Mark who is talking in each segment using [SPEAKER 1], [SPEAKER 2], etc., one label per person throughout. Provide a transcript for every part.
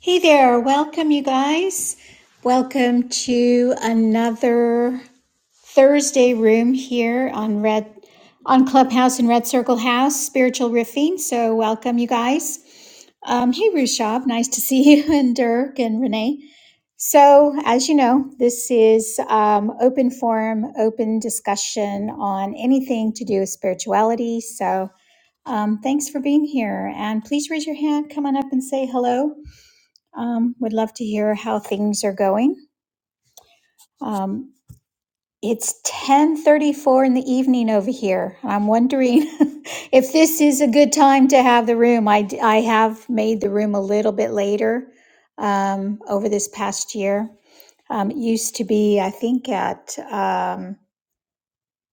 [SPEAKER 1] Hey there, welcome you guys. Welcome to another Thursday room here on Red on Clubhouse and Red Circle House, Spiritual Riffing. So welcome you guys. Um, hey Rushab, nice to see you and Dirk and Renee. So as you know, this is um, open forum, open discussion on anything to do with spirituality. So um, thanks for being here, and please raise your hand. Come on up and say hello. Um, would love to hear how things are going. Um, it's 10:34 in the evening over here. I'm wondering if this is a good time to have the room. I d- I have made the room a little bit later um, over this past year. Um, it used to be, I think, at um,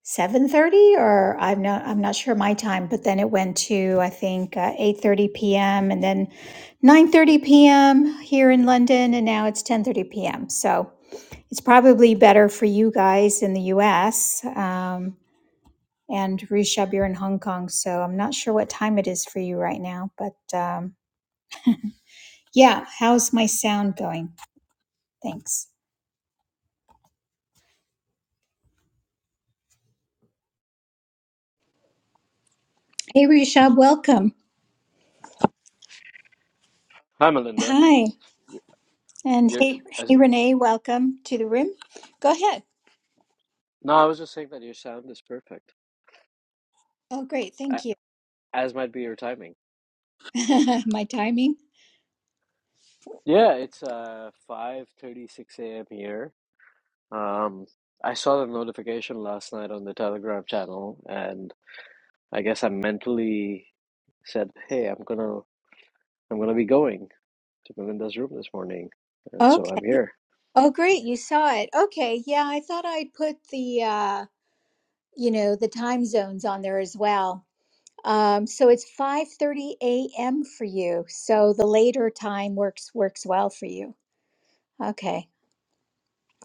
[SPEAKER 1] 7:30, or I'm not I'm not sure my time, but then it went to I think uh, 8:30 p.m. and then 9:30 p.m. here in London, and now it's 10:30 p.m. So. it's probably better for you guys in the US. Um, and Rishabh, you're in Hong Kong, so I'm not sure what time it is for you right now. But um, yeah, how's my sound going? Thanks. Hey, Rishabh, welcome.
[SPEAKER 2] Hi, Melinda.
[SPEAKER 1] Hi. And
[SPEAKER 2] Your
[SPEAKER 1] hey,
[SPEAKER 2] as,
[SPEAKER 1] hey, Renee, welcome to the room. Go ahead.
[SPEAKER 2] no, I was just saying that your sound is perfect,
[SPEAKER 1] Oh, great.
[SPEAKER 2] a-
[SPEAKER 1] Thank you.
[SPEAKER 2] as might be your timing.
[SPEAKER 1] my timing.
[SPEAKER 2] Yeah, it's uh 5:36 a.m. here. Um, I saw the notification last night on the Telegram channel, and I guess I mentally said, "Hey, I'm gonna I'm gonna be going to Melinda's room this morning," and so
[SPEAKER 1] Okay.
[SPEAKER 2] I'm here.
[SPEAKER 1] Oh, great. You saw it. Okay. Yeah, I thought I'd put the, uh, you know, the time zones on there as well Um, so it's 5:30 a.m. for you. So the later time works works well for you. Okay.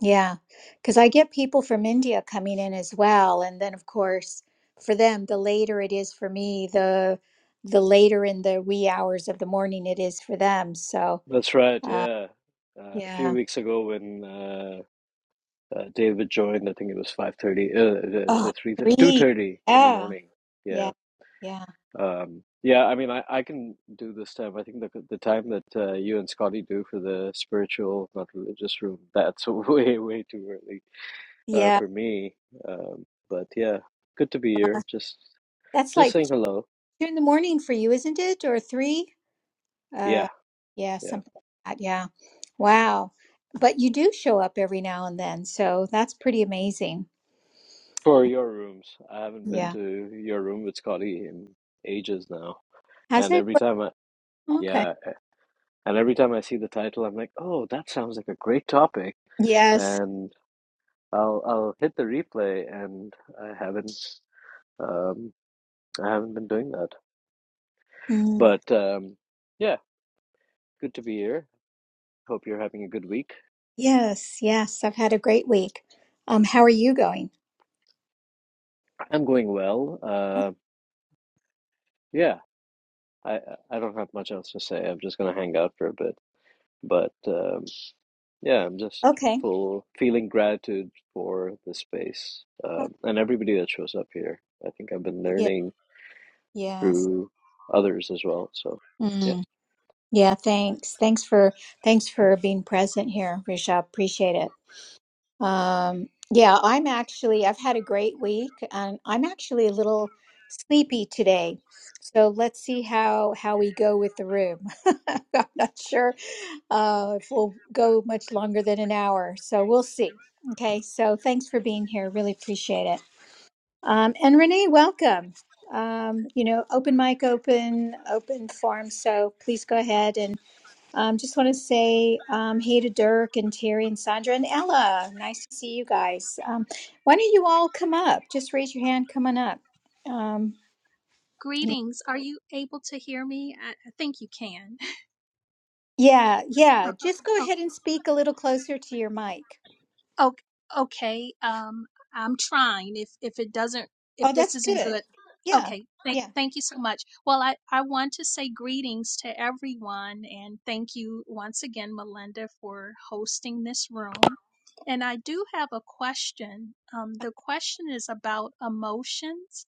[SPEAKER 1] Yeah. Cuz I get people from India coming in as well and then of course for them the later it is for me the the later in the wee hours of the morning it is for them. So
[SPEAKER 2] That's right.
[SPEAKER 1] uh
[SPEAKER 2] Yeah, uh, a few
[SPEAKER 1] yeah.
[SPEAKER 2] weeks ago when uh, Uh, David joined. I think it was five thirty, uh, the
[SPEAKER 1] Oh,
[SPEAKER 2] the three two
[SPEAKER 1] three.
[SPEAKER 2] thirty in the
[SPEAKER 1] Yeah.
[SPEAKER 2] morning.
[SPEAKER 1] Yeah.
[SPEAKER 2] Yeah,
[SPEAKER 1] Yeah.
[SPEAKER 2] um, yeah. I mean, I, I can do this time. I think the the time that uh, you and Scotty do for the spiritual, not religious room, that's way way too early uh,
[SPEAKER 1] Yeah.
[SPEAKER 2] for me. Um, but yeah, good to be here. Just
[SPEAKER 1] That's
[SPEAKER 2] just
[SPEAKER 1] like
[SPEAKER 2] saying hello.
[SPEAKER 1] 2 in the morning for you, isn't it? Or 3? Uh,
[SPEAKER 2] Yeah,
[SPEAKER 1] yeah,
[SPEAKER 2] yeah.
[SPEAKER 1] something like that. Yeah. Wow. But you do show up every now and then, so that's pretty amazing.
[SPEAKER 2] For your rooms, I haven't been
[SPEAKER 1] Yeah.
[SPEAKER 2] to your room with Scotty in ages now,
[SPEAKER 1] How's
[SPEAKER 2] and
[SPEAKER 1] it
[SPEAKER 2] every
[SPEAKER 1] worked?
[SPEAKER 2] time I
[SPEAKER 1] Okay.
[SPEAKER 2] yeah. And every time I see the title, I'm like, oh, that sounds like a great topic.
[SPEAKER 1] Yes.
[SPEAKER 2] And I'll I'll hit the replay, and I haven't um, I haven't been doing that.
[SPEAKER 1] Mm.
[SPEAKER 2] But um, yeah, good to be here. Hope you're having a good week.
[SPEAKER 1] Yes, yes. I've had a great week. Um, how are you going?
[SPEAKER 2] I'm going well. Uh, yeah, I I don't have much else to say. I'm just gonna hang out for a bit. But um, yeah, I'm just
[SPEAKER 1] Okay.
[SPEAKER 2] full feeling gratitude for the space
[SPEAKER 1] Uh,
[SPEAKER 2] um, and everybody that shows up here. I think I've been
[SPEAKER 1] Yeah,
[SPEAKER 2] learning
[SPEAKER 1] yes.
[SPEAKER 2] through others as well. So yeah.
[SPEAKER 1] Mm. Yeah, thanks. Thanks for thanks for being present here, Rishabh. Appreciate it. Um, yeah, I'm actually, I've had a great week and I'm actually a little sleepy today. So let's see how how we go with the room. I'm not sure uh, if we'll go much longer than an hour. So we'll see. Okay, so thanks for being here. Really appreciate it. Um, and Renee, welcome. Um, you know, open mic, open, open forum. So please go ahead um, just want to say um, hey to Dirk and Terry and Sandra and Ella. Nice to see you guys. Um, why don't you all come up? Just raise your hand coming up. Um, y-
[SPEAKER 3] Greetings. Are you able to hear me? I, I think you can.
[SPEAKER 1] yeah, yeah. Just go
[SPEAKER 3] Oh,
[SPEAKER 1] ahead and speak a little closer to your mic.
[SPEAKER 3] oh, okay. Um, I'm trying. If if it doesn't, if
[SPEAKER 1] Oh,
[SPEAKER 3] this
[SPEAKER 1] that's
[SPEAKER 3] isn't
[SPEAKER 1] good.
[SPEAKER 3] good,
[SPEAKER 1] Yeah,
[SPEAKER 3] okay. Thank
[SPEAKER 1] yeah.
[SPEAKER 3] thank you so much. Well, I I want to say greetings to everyone, and thank you once again, Melinda, for hosting this room. And I do have a question. Um, the question is about emotions.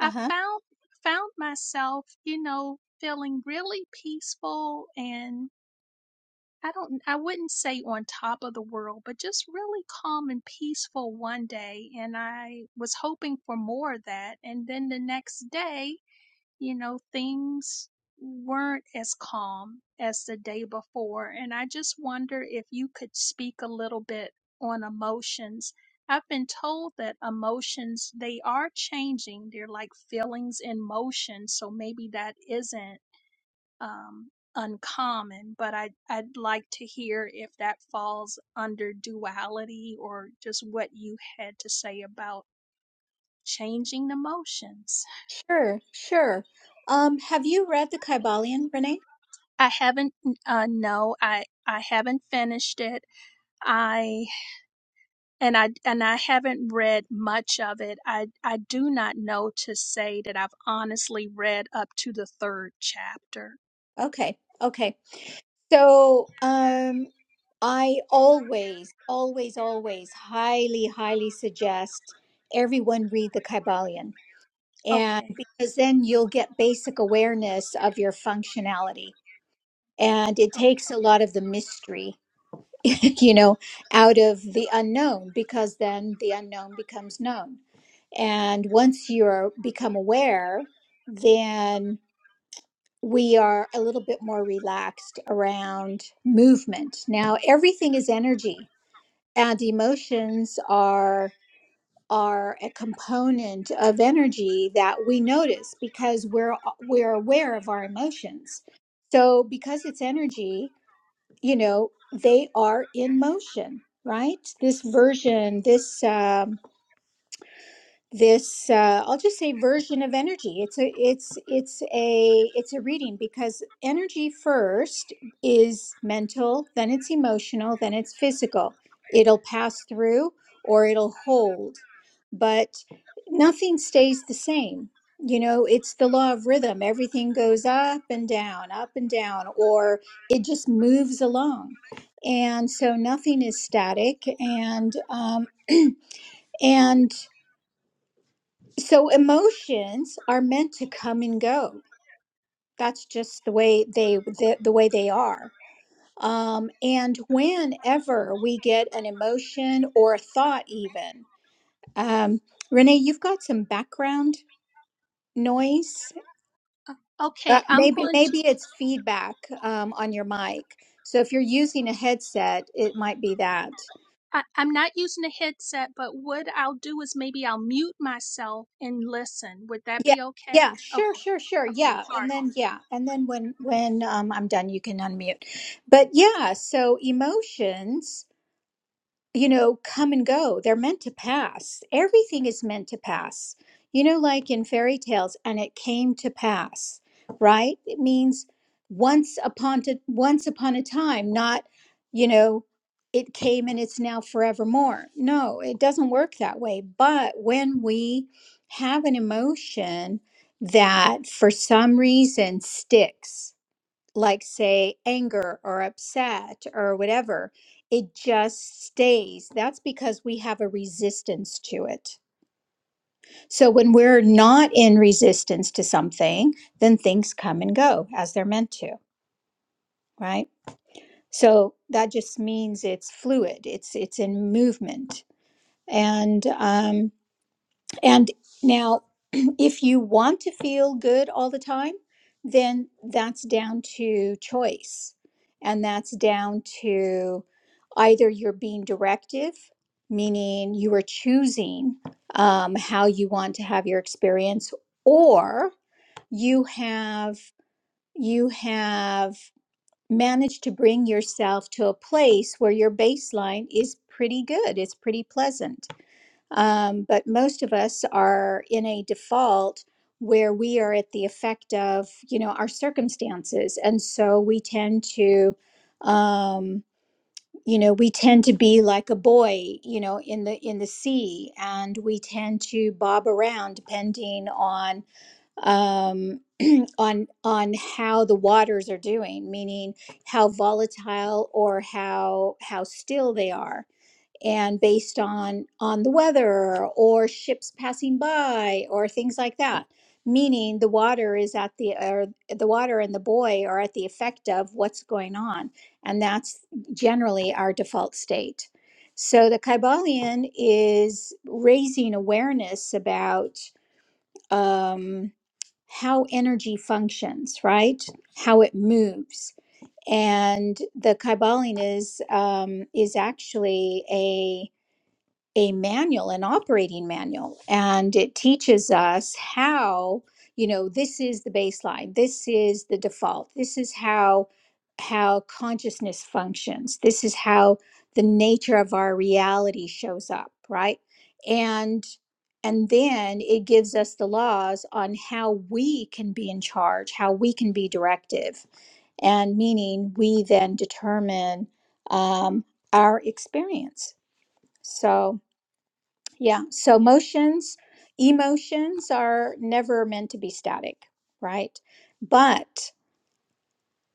[SPEAKER 1] Uh
[SPEAKER 3] I
[SPEAKER 1] huh.
[SPEAKER 3] found found myself, you know, feeling really peaceful and I don't I wouldn't say on top of the world, but just really calm and peaceful one day and I was hoping for more of that and then the next day, you know, things weren't as calm as the day before and I just wonder if you could speak a little bit on emotions. I've been told that emotions they are changing. They're like feelings in motion, so maybe that isn't um, uncommon, but I, I'd like to hear if that falls under duality or just what you had to say about changing emotions.
[SPEAKER 1] Sure, sure. Um, have you read the Kybalion, Renee?
[SPEAKER 3] I haven't, uh, no, I, I haven't finished it. I, and I, and I haven't read much of it. I, I do not know to say that I've honestly read up to the third chapter.
[SPEAKER 1] Okay. Okay. So, um, I always, always, always highly, highly suggest everyone read the Kybalion. And
[SPEAKER 3] Okay.
[SPEAKER 1] because then you'll get basic awareness of your functionality. And it takes a lot of the mystery, you know, out of the unknown, because then the unknown becomes known. And once you're become aware, then we are a little bit more relaxed around movement. Now everything is energy and emotions are are a component of energy that we notice because we're we're aware of our emotions. So because it's energy, you know, they are in motion, right? This version, this um this uh, i'll just say version of energy it's a it's it's a it's a reading because energy first is mental then it's emotional then it's physical it'll pass through or it'll hold but nothing stays the same you know it's the law of rhythm everything goes up and down up and down or it just moves along and so nothing is static and um and so emotions are meant to come and go. That's just the way they the, the way they are. Um, and whenever we get an emotion or a thought, even um, Renee, you've got some background noise. Uh,
[SPEAKER 3] Okay, I'm
[SPEAKER 1] maybe
[SPEAKER 3] going
[SPEAKER 1] maybe it's feedback um, on your mic. So if you're using a headset, it might be that.
[SPEAKER 3] I, I'm not using a headset, but what I'll do is maybe I'll mute myself and listen. Would that
[SPEAKER 1] Yeah,
[SPEAKER 3] be okay?
[SPEAKER 1] yeah, sure,
[SPEAKER 3] Okay,
[SPEAKER 1] sure, sure.
[SPEAKER 3] okay,
[SPEAKER 1] Yeah, and
[SPEAKER 3] pardon.
[SPEAKER 1] then yeah, and then when when um, I'm done, you can unmute. But yeah, so emotions you know, come and go. They're meant to pass. Everything is meant to pass. You know, like in fairy tales, and it came to pass, right? It means once upon to, once upon a time, not, you know, it came and it's now forevermore. No, it doesn't work that way. But when we have an emotion that for some reason sticks, like say anger or upset or whatever it just stays that's because we have a resistance to it so when we're not in resistance to something then things come and go as they're meant to right so that just means it's fluid it's it's in movement and um And now, if you want to feel good all the time, then that's down to choice. And that's down to either you're being directive, meaning you are choosing um, how you want to have your experience, or you have you have managed to bring yourself to a place where your baseline is pretty good. It's pretty pleasant um, but most of us are in a default where we are at the effect of, you know, our circumstances. And so we tend to, um, you know, we tend to be like a boy, you know, in the in the sea, and we tend to bob around depending on um, on on how the waters are doing, meaning how volatile or how how still they are and based on on the weather or ships passing by or things like that meaning the water is at the or the water and the buoy are at the effect of what's going on and that's generally our default state so the kybalion is raising awareness about um, how energy functions right how it moves and the kybalion is um, is actually a a manual, an operating manual, and it teaches us how, you know, this is the baseline, this is the default, this is how how consciousness functions, this is how the nature of our reality shows up, right? And and then it gives us the laws on how we can be in charge, how we can be directive, and meaning we then determine um, our experience. So, yeah. So motions, emotions are never meant to be static, right? But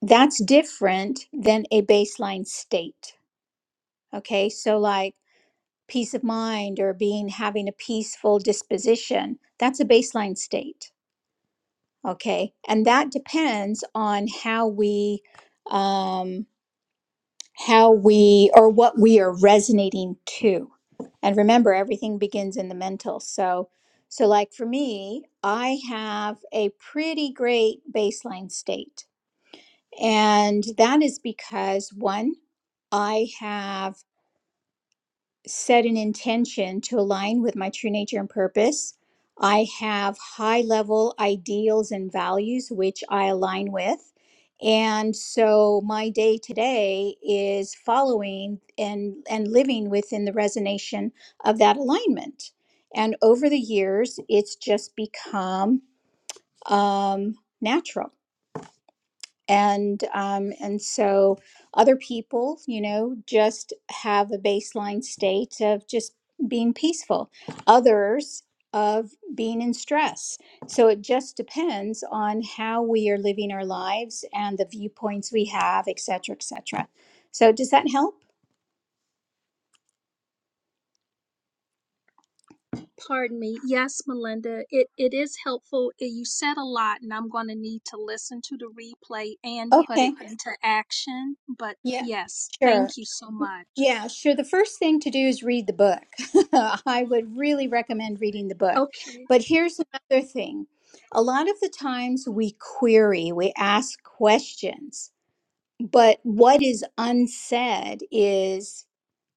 [SPEAKER 1] that's different than a baseline state. Okay. So, like peace of mind or being having a peaceful disposition, that's a baseline state. Okay. And that depends on how we, um, how we or what we are resonating to. And remember, everything begins in the mental. So, so like for me, I have a pretty great baseline state. And that is because one, I have set an intention to align with my true nature and purpose. I have high level ideals and values which I align with. And so my day today is following and and living within the resonation of that alignment. And over the years, it's just become um, natural and um, and so other people you know just have a baseline state of just being peaceful others of being in stress so it just depends on how we are living our lives and the viewpoints we have et cetera et cetera so does that help
[SPEAKER 3] Pardon me. Yes, Melinda, it, it is helpful. Uh, You said a lot, and I'm going to need to listen to the replay and put
[SPEAKER 1] okay
[SPEAKER 3] it into action. But
[SPEAKER 1] yeah
[SPEAKER 3] yes,
[SPEAKER 1] sure
[SPEAKER 3] thank you so much.
[SPEAKER 1] Yeah, sure. The first thing to do is read the book. I would really recommend reading the book.
[SPEAKER 3] Okay,
[SPEAKER 1] But here's another thing a lot of the times we query, we ask questions, but what is unsaid is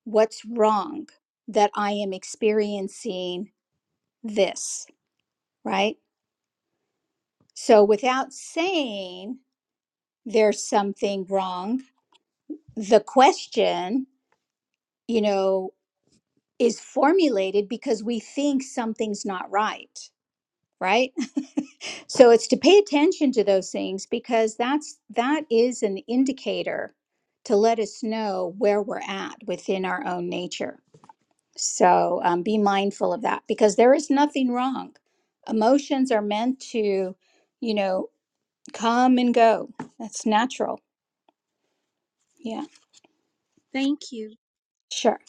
[SPEAKER 1] what's wrong that I am experiencing this, right? So without saying there's something wrong, the question, you know. is formulated because we think something's not right right so it's to pay attention to those things because that's that is an indicator to let us know where we're at within our own nature so um, be mindful of that because there is nothing wrong emotions are meant to you know come and go that's natural yeah
[SPEAKER 3] thank you.
[SPEAKER 1] sure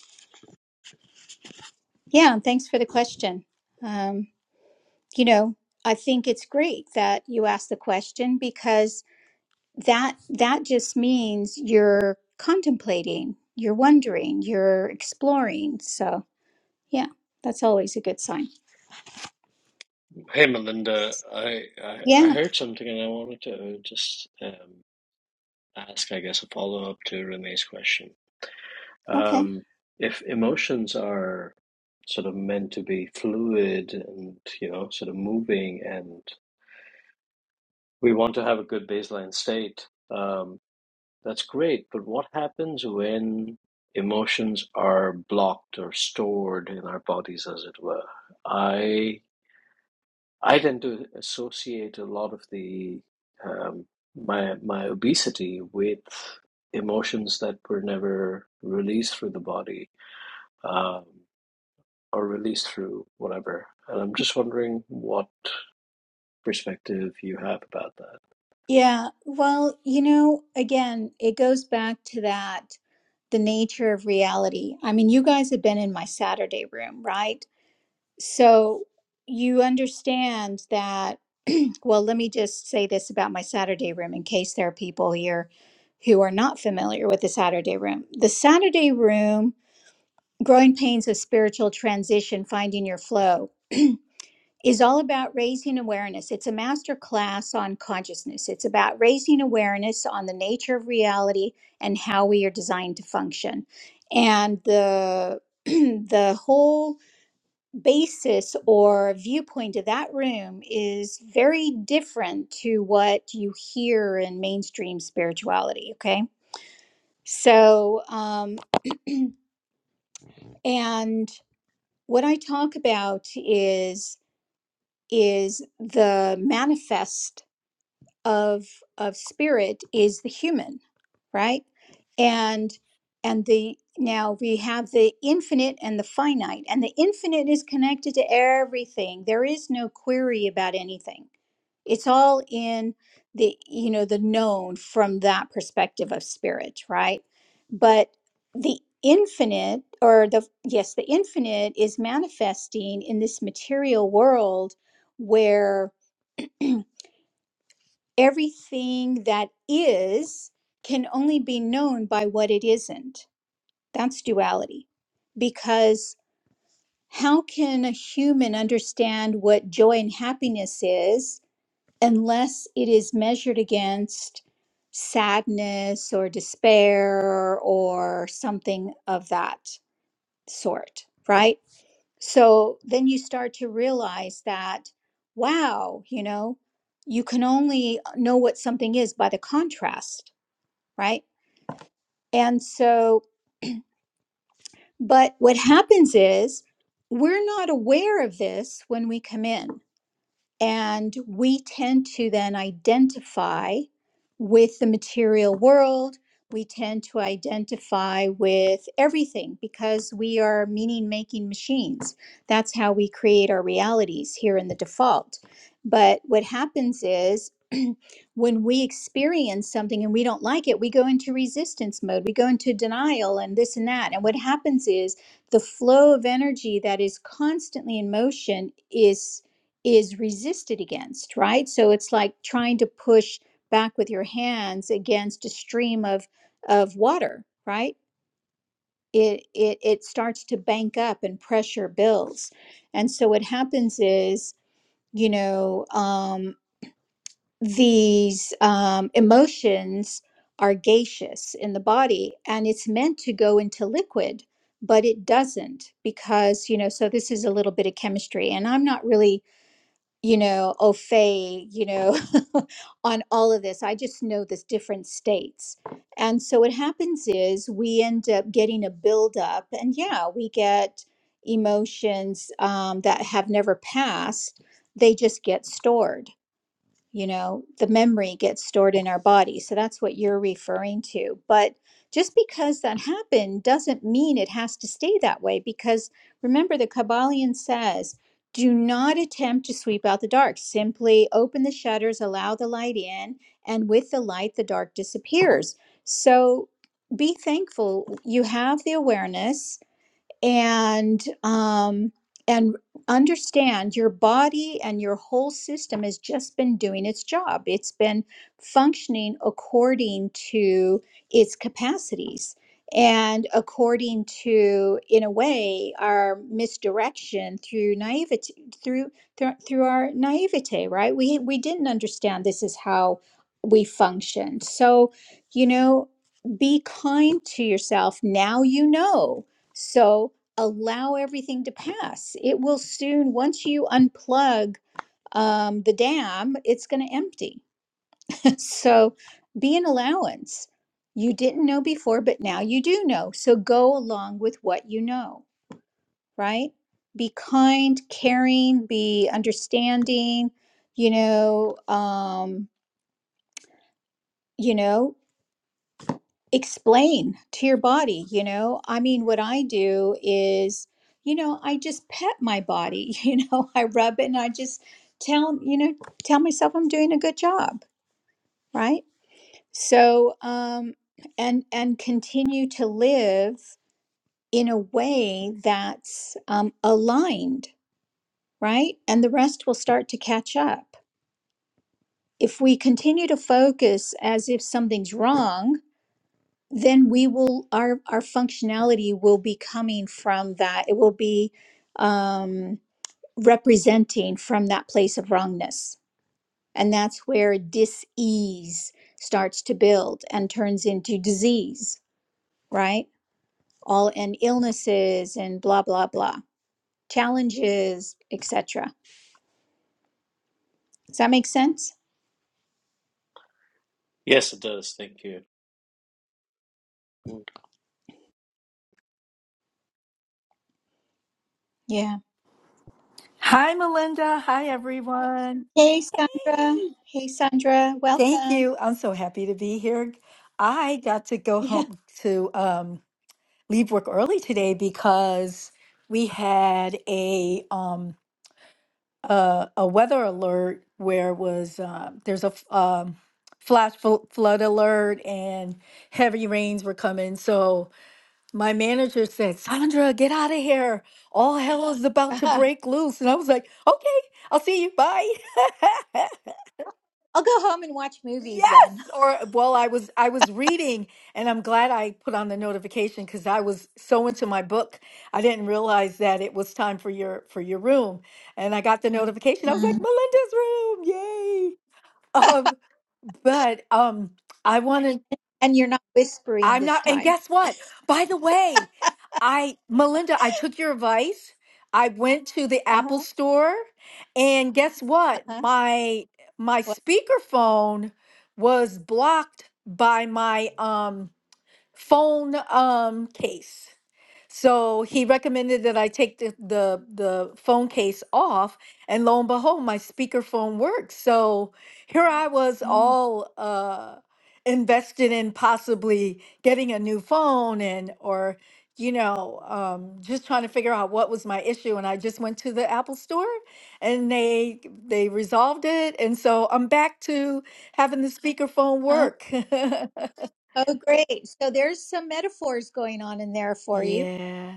[SPEAKER 1] yeah and thanks for the question Um, you know i think it's great that you asked the question because that that just means you're contemplating you're wondering you're exploring so yeah that's always a good sign
[SPEAKER 2] Hey Melinda, I, I I
[SPEAKER 1] yeah
[SPEAKER 2] heard something and I wanted to just um, ask, I guess, a follow-up to Renee's question.
[SPEAKER 1] okay
[SPEAKER 2] Um, if emotions are sort of meant to be fluid and you know sort of moving, and we want to have a good baseline state, um, that's great. But what happens when emotions are blocked or stored in our bodies, as it were? I I tend to associate a lot of the um, my my obesity with emotions that were never released through the body um, or released through whatever. And I'm just wondering what perspective you have about that.
[SPEAKER 1] yeah well you know again it goes back to that the nature of reality i mean you guys have been in my saturday room right so you understand that Well, let me just say this about my Saturday room in case there are people here who are not familiar with the Saturday room. The Saturday room, Growing Pains of Spiritual Transition, Finding Your Flow, is all about raising awareness. It's a master class on consciousness. It's about raising awareness on the nature of reality and how we are designed to function. And the the whole basis or viewpoint of that room is very different to what you hear in mainstream spirituality. Okay. So, um, and what I talk about is is the manifest of of spirit is the human right? And and the now we have the infinite and the finite, and the infinite is connected to everything. There is no query about anything. It's all in the you know the known from that perspective of spirit, right? But the infinite or the yes, the infinite is manifesting in this material world where everything that is can only be known by what it isn't. That's duality. Because how can a human understand what joy and happiness is unless it is measured against sadness or despair or something of that sort, right? So then you start to realize that, wow, you know, you can only uh, know what something is by the contrast, right? And so, but what happens is we're not aware of this when we come in. And we tend to then identify with the material world. We tend to identify with everything because we are meaning making machines. That's how we create our realities here in the default. But what happens is when we experience something and we don't like it, we go into resistance mode, we go into denial and this and that. And what happens is the flow of energy that is constantly in motion is is resisted against, right? So it's like trying to push back with your hands against a stream of of water, right? It it it starts to bank up and pressure builds. And so what happens is, you know, um these um emotions are gaseous in the body and it's meant to go into liquid but it doesn't because you know so this is a little bit of chemistry and i'm not really you know, au fait, you know, on all of this. I just know this different states. And so what happens is we end up getting a buildup, and yeah, we get emotions um, that have never passed, they just get stored you know the memory gets stored in our body so that's what you're referring to but just because that happened doesn't mean it has to stay that way because remember the kabbalion says do not attempt to sweep out the dark simply open the shutters allow the light in and with the light the dark disappears so be thankful you have the awareness and um and understand your body and your whole system has just been doing its job it's been functioning according to its capacities and according to in a way our misdirection through naivety through through, through our naivete right we we didn't understand this is how we functioned so you know be kind to yourself now you know so allow everything to pass. It will soon, once you unplug um, the dam, it's going to empty. so be an allowance. You didn't know before, but now you do know. So go along with what you know, right? Be kind, caring, be understanding, you know, um, you know, explain to your body you know i mean what i do is you know i just pet my body you know i rub it and i just tell you know tell myself i'm doing a good job right so um and and continue to live in a way that's um, aligned right and the rest will start to catch up if we continue to focus as if something's wrong then we will our our functionality will be coming from that it will be um representing from that place of wrongness and that's where dis-ease starts to build and turns into disease right all and illnesses and blah blah blah challenges etc does that make sense
[SPEAKER 2] Yes, it does. Thank you.
[SPEAKER 1] yeah
[SPEAKER 4] Hi, Melinda. Hi, everyone.
[SPEAKER 1] hey sandra
[SPEAKER 4] Hey,
[SPEAKER 1] hey sandra
[SPEAKER 4] thank
[SPEAKER 1] welcome
[SPEAKER 4] you. I'm so happy to be here. I got to go
[SPEAKER 1] yeah
[SPEAKER 4] home to um, leave work early today because we had a um, a, a weather alert where was uh, there's a f- um, flash flo- flood alert and heavy rains were coming. So my manager said, Sandra, get out of here. All hell is about to
[SPEAKER 1] i'll
[SPEAKER 4] break loose. And I was like, okay, I'll see you. Bye.
[SPEAKER 1] go home and watch movies
[SPEAKER 4] yes.
[SPEAKER 1] then
[SPEAKER 4] Or well, I was I was reading and I'm glad I put on the notification because I was so into my book. I didn't realize that it was time for your for your room. And I got the notification. I was like, Melinda's room. Yay. Um, but um I wanted
[SPEAKER 1] And you're not whispering
[SPEAKER 4] I'm
[SPEAKER 1] this
[SPEAKER 4] not. And
[SPEAKER 1] time.
[SPEAKER 4] guess what? By the way, I, Melinda, I took your advice. I went to the Apple
[SPEAKER 1] Uh-huh.
[SPEAKER 4] store, and guess what?
[SPEAKER 1] Uh-huh.
[SPEAKER 4] My my
[SPEAKER 1] Well,
[SPEAKER 4] speakerphone was blocked by my um phone um case. So he recommended that I take the, the the phone case off, and lo and behold, my speakerphone works. So here I was,
[SPEAKER 1] Mm.
[SPEAKER 4] all uh, invested in possibly getting a new phone, and or you know, um, just trying to figure out what was my issue. And I just went to the Apple Store, and they they resolved it, and so I'm back to having the speakerphone
[SPEAKER 1] uh,
[SPEAKER 4] work.
[SPEAKER 1] oh, great. So there's some metaphors going on in there for you.
[SPEAKER 4] yeah.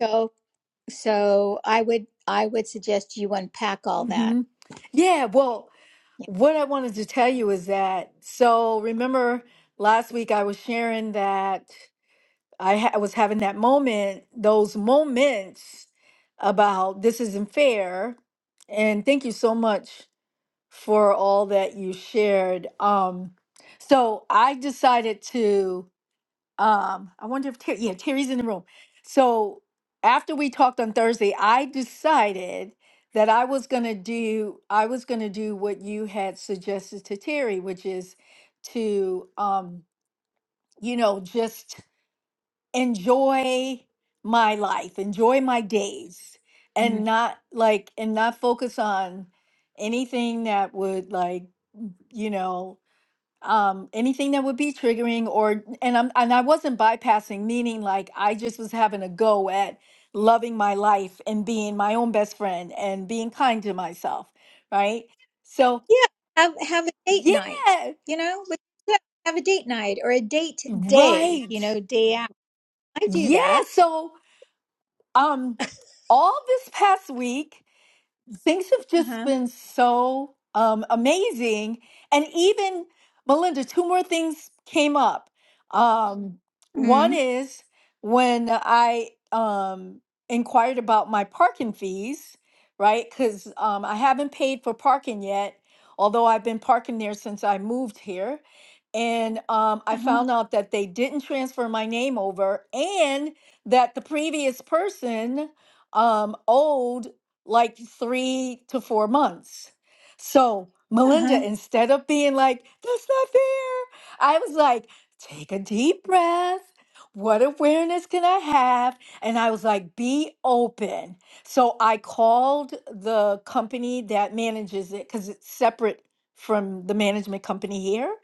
[SPEAKER 1] So so I would I would suggest you unpack all that.
[SPEAKER 4] hmm Yeah. Well.
[SPEAKER 1] Yeah.
[SPEAKER 4] What I wanted to tell you is that, so remember last week I was sharing that I ha- I was having that moment, those moments about this isn't fair. And thank you so much for all that you shared. Um, so I decided to um i wonder if Terry, yeah terry's in the room so after we talked on thursday i decided that i was going to do i was going to do what you had suggested to terry which is to um you know just enjoy my life enjoy my days and
[SPEAKER 1] Mhm.
[SPEAKER 4] not like and not focus on anything that would like you know um anything that would be triggering or and I'm and I wasn't bypassing meaning like I just was having a go at loving my life and being my own best friend and being kind to myself, right? So,
[SPEAKER 1] Yeah. Have have a date night,
[SPEAKER 4] yeah,
[SPEAKER 1] you know? With, yeah, have a date night or a date day,
[SPEAKER 4] right.
[SPEAKER 1] you know, day out. I do
[SPEAKER 4] Yeah,
[SPEAKER 1] that.
[SPEAKER 4] so um all this past week things have just
[SPEAKER 1] Uh-huh.
[SPEAKER 4] been so um, amazing. And even Melinda, two more things came up. Um, one
[SPEAKER 1] Mm.
[SPEAKER 4] is when I um, inquired about my parking fees, right? Because um, I haven't paid for parking yet, although I've been parking there since I moved here. And um, I
[SPEAKER 1] Uh-huh.
[SPEAKER 4] found out that they didn't transfer my name over and that the previous person um, owed like three to four months. So, Melinda,
[SPEAKER 1] Uh-huh.
[SPEAKER 4] instead of being like, that's not fair, I was like, take a deep breath. What awareness can I have? And I was like, be open. So I called the company that manages it because it's separate from the management company here.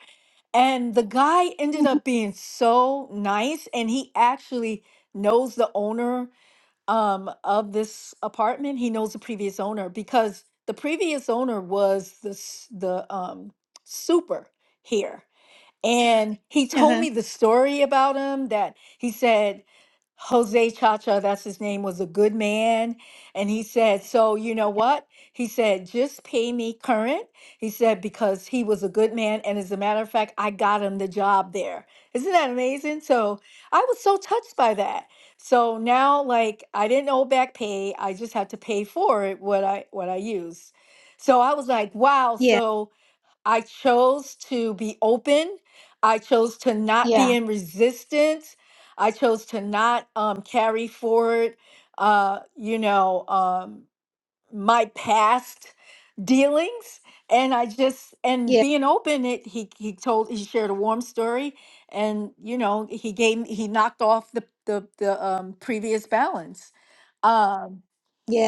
[SPEAKER 4] And the guy ended
[SPEAKER 1] Mhm.
[SPEAKER 4] up being so nice and he actually knows the owner um, of this apartment. He knows the previous owner because the previous owner was the s- the um, super here. And he told
[SPEAKER 1] Uh-huh.
[SPEAKER 4] me the story about him that he said Jose Chacha, that's his name, was a good man. And he said, So, you know what? He said, Just pay me current. He said, Because he was a good man. And as a matter of fact, I got him the job there. Isn't that amazing? So I was so touched by that. So now, like, I didn't owe back pay. I just had to pay for it what I what I used. So I was like, wow.
[SPEAKER 1] Yeah.
[SPEAKER 4] So I chose to be open. I chose to not be
[SPEAKER 1] Yeah.
[SPEAKER 4] in resistance. I chose to not um, carry forward, uh, you know, um, my past dealings. And I just and
[SPEAKER 1] Yeah.
[SPEAKER 4] being open, it he he told he shared a warm story, and you know he gave he knocked off the the the um, previous balance. Um,
[SPEAKER 1] Yeah.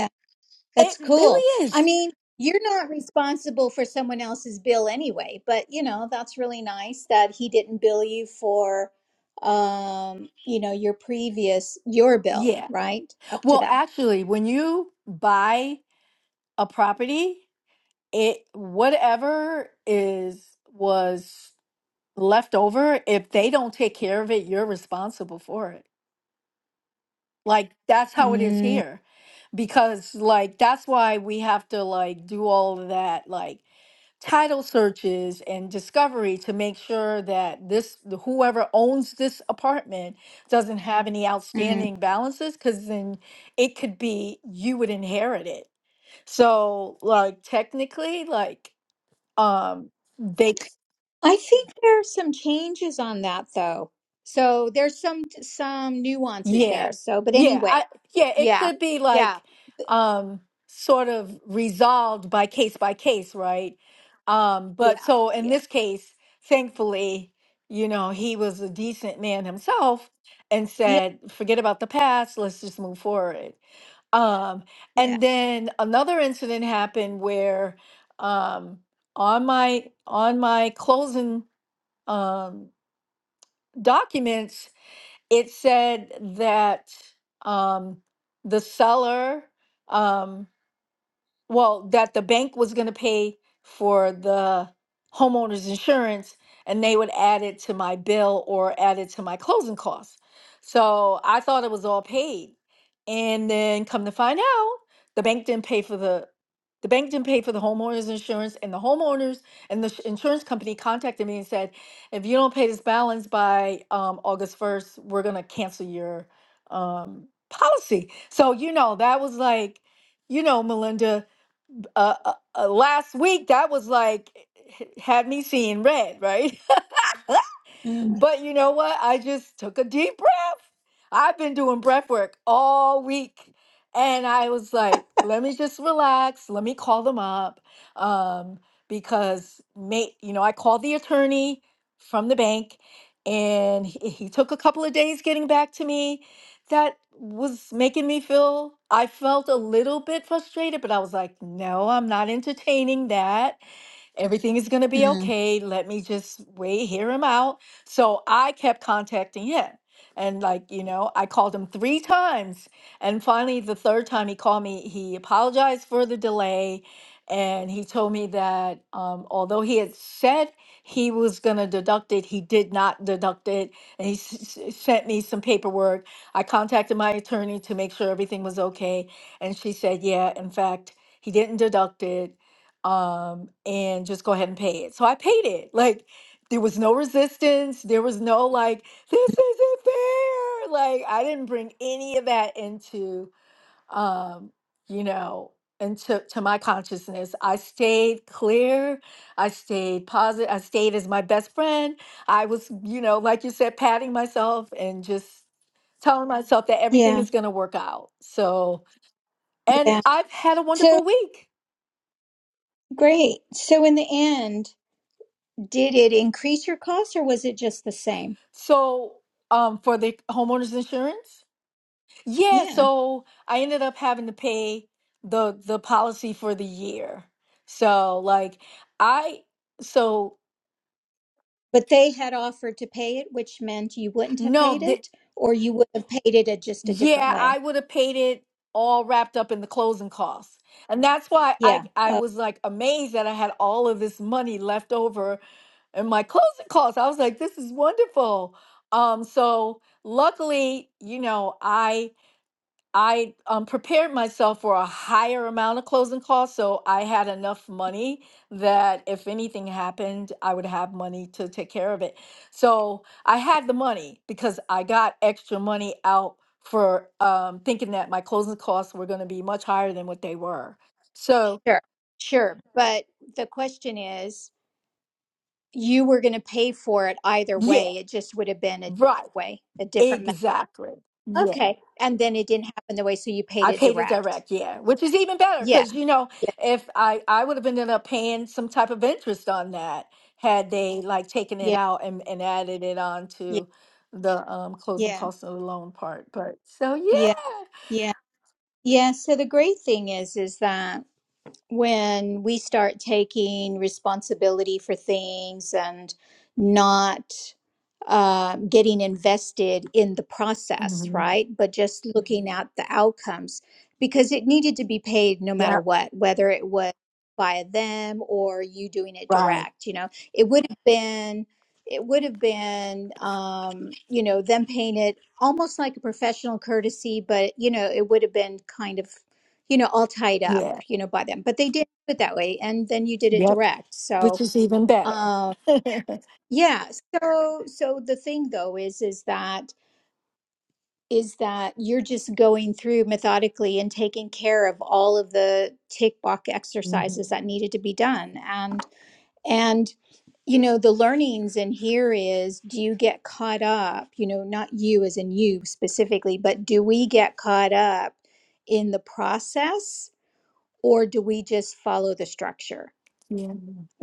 [SPEAKER 1] That's
[SPEAKER 4] it
[SPEAKER 1] cool.
[SPEAKER 4] really
[SPEAKER 1] I
[SPEAKER 4] is,
[SPEAKER 1] mean, you're not responsible for someone else's bill anyway, but you know, that's really nice that he didn't bill you for um, you know, your previous your bill,
[SPEAKER 4] yeah.
[SPEAKER 1] right? Up to
[SPEAKER 4] Well,
[SPEAKER 1] that.
[SPEAKER 4] actually, when you buy a property, it whatever is was left over if they don't take care of it you're responsible for it like that's how it is
[SPEAKER 1] mm
[SPEAKER 4] here because like that's why we have to like do all of that like title searches and discovery to make sure that this whoever owns this apartment doesn't have any
[SPEAKER 1] mm.
[SPEAKER 4] outstanding balances because then it could be you would inherit it so like technically like um they
[SPEAKER 1] I think there are some changes on that though. So there's some some nuances
[SPEAKER 4] yeah
[SPEAKER 1] there. So, but
[SPEAKER 4] yeah
[SPEAKER 1] anyway,
[SPEAKER 4] i yeah it
[SPEAKER 1] yeah.
[SPEAKER 4] could be
[SPEAKER 1] Yeah.
[SPEAKER 4] like um sort of resolved by case by case right um
[SPEAKER 1] Yeah.
[SPEAKER 4] but so in
[SPEAKER 1] Yeah.
[SPEAKER 4] this case thankfully you know he was a decent man himself and
[SPEAKER 1] Yeah.
[SPEAKER 4] said forget about the past let's just move forward um
[SPEAKER 1] Yeah.
[SPEAKER 4] and then another incident happened where um on my on my closing um documents it said that um, the seller um, well, that the bank was going to pay for the homeowner's insurance and they would add it to my bill or add it to my closing costs. So I thought it was all paid. And then come to find out, the bank didn't pay for the the bank didn't pay for the homeowner's insurance and the homeowners and the sh- insurance company contacted me and said, if you don't pay this balance by um, August 1st, we're going to cancel your um, policy. So, you know, that was like, you know, Melinda, uh, uh, uh, last week that was like had me seeing red, right?
[SPEAKER 1] mm
[SPEAKER 4] But you know what? I just took a deep breath. I've been doing breath work all week. And I was like, let me just relax. Let me call them up. Um, because mate, you know, I called the attorney from the bank and he, he took a couple of days getting back to me. That was making me feel I felt a little bit frustrated, but I was like, no, I'm not entertaining that. Everything is going to be
[SPEAKER 1] mm.
[SPEAKER 4] okay. Let me just wait, hear him out. So I kept contacting him. And, like, you know, I called him three times. And finally, the third time he called me, he apologized for the delay. And he told me that um, although he had said he was going to deduct it, he did not deduct it. And he s- s- sent me some paperwork. I contacted my attorney to make sure everything was okay. And she said, yeah, in fact, he didn't deduct it um, and just go ahead and pay it. So I paid it. Like there was no resistance. There was no like, this isn't fair. Like I didn't bring any of that into um, you know, into to my consciousness. I stayed clear. I stayed positive. I stayed as my best friend. I was, you know, like you said, patting myself and just telling myself that everything
[SPEAKER 1] Yeah.
[SPEAKER 4] is going to work out. So, and
[SPEAKER 1] Yeah.
[SPEAKER 4] I've had a
[SPEAKER 1] So
[SPEAKER 4] wonderful week.
[SPEAKER 1] great. So in the end, Did it increase your cost or was it just the same?
[SPEAKER 4] So, um, for the homeowners insurance, yeah.
[SPEAKER 1] Yeah.
[SPEAKER 4] So I ended up having to pay the the policy for the year. So like I, so
[SPEAKER 1] But they had offered to pay it, which meant you wouldn't have paid
[SPEAKER 4] no, th-
[SPEAKER 1] it or you would have paid it a, just a different
[SPEAKER 4] yeah, I
[SPEAKER 1] way.
[SPEAKER 4] would have paid it all wrapped up in the closing costs, and that's why I
[SPEAKER 1] Yeah.
[SPEAKER 4] I
[SPEAKER 1] Uh,
[SPEAKER 4] was like amazed that I had all of this money left over in my closing costs. I was like, this is wonderful. Um, so luckily, you know, I I um, prepared myself for a higher amount of closing costs, so I had enough money that if anything happened, I would have money to take care of it. So I had the money because I got extra money out for um, thinking that my closing costs were going to be much higher than what they were. So,
[SPEAKER 1] sure. Sure. But the question is, you were going to pay for it either
[SPEAKER 4] yeah,
[SPEAKER 1] way. It just would have been a
[SPEAKER 4] right,
[SPEAKER 1] way, a different method.
[SPEAKER 4] exactly. yeah.
[SPEAKER 1] Okay. And then it didn't happen the way, so you paid
[SPEAKER 4] I
[SPEAKER 1] it
[SPEAKER 4] paid it
[SPEAKER 1] direct.
[SPEAKER 4] direct, yeah, which is even better
[SPEAKER 1] Yeah.
[SPEAKER 4] because you know
[SPEAKER 1] Yeah.
[SPEAKER 4] if I I would have ended up paying some type of interest on that had they like taken it
[SPEAKER 1] Yeah.
[SPEAKER 4] out and, and added it on
[SPEAKER 1] Yeah.
[SPEAKER 4] to the um, closing
[SPEAKER 1] Yeah.
[SPEAKER 4] costs of the loan part. But so
[SPEAKER 1] Yeah.
[SPEAKER 4] yeah,
[SPEAKER 1] Yeah. Yeah. So the great thing is, is that when we start taking responsibility for things and not uh, getting invested in the process,
[SPEAKER 4] hmm
[SPEAKER 1] right? But just looking at the outcomes because it needed to be paid no matter
[SPEAKER 4] yep,
[SPEAKER 1] what, whether it was via them or you doing it
[SPEAKER 4] right,
[SPEAKER 1] direct. You know, it would have been. It would have been, um, you know, them paying it almost like a professional courtesy, but you know, it would have been kind of you know, all tied up,
[SPEAKER 4] yeah,
[SPEAKER 1] you know, by them. But they did do it that way, and then you did it
[SPEAKER 4] yep,
[SPEAKER 1] direct.
[SPEAKER 4] which
[SPEAKER 1] So,
[SPEAKER 4] is even better.
[SPEAKER 1] um, yeah. So, so the thing though is, is that is that you're just going through methodically and taking care of all of the tick box exercises that
[SPEAKER 4] hmm
[SPEAKER 1] needed to be done, and and you know the learnings in here is do you get caught up you know not you as in you specifically but do we get caught up in the process or do we just follow the structure?
[SPEAKER 4] Yeah,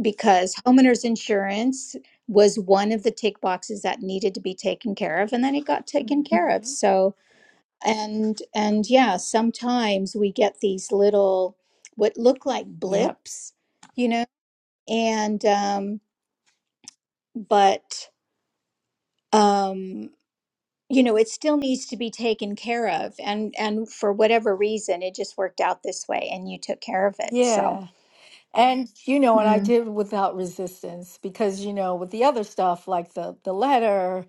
[SPEAKER 1] Because homeowners insurance was one of the tick boxes that needed to be taken care of, and then it got taken care of.
[SPEAKER 4] hmm
[SPEAKER 1] So, and and yeah, sometimes we get these little what look like
[SPEAKER 4] yep,
[SPEAKER 1] blips, you know, and um, but um, you know, it still needs to be taken care of, and and for whatever reason, it just worked out this way, and you took care of it. So,
[SPEAKER 4] yeah. And you know, and I
[SPEAKER 1] mm,
[SPEAKER 4] did without resistance because you know, with the other stuff like the the letter,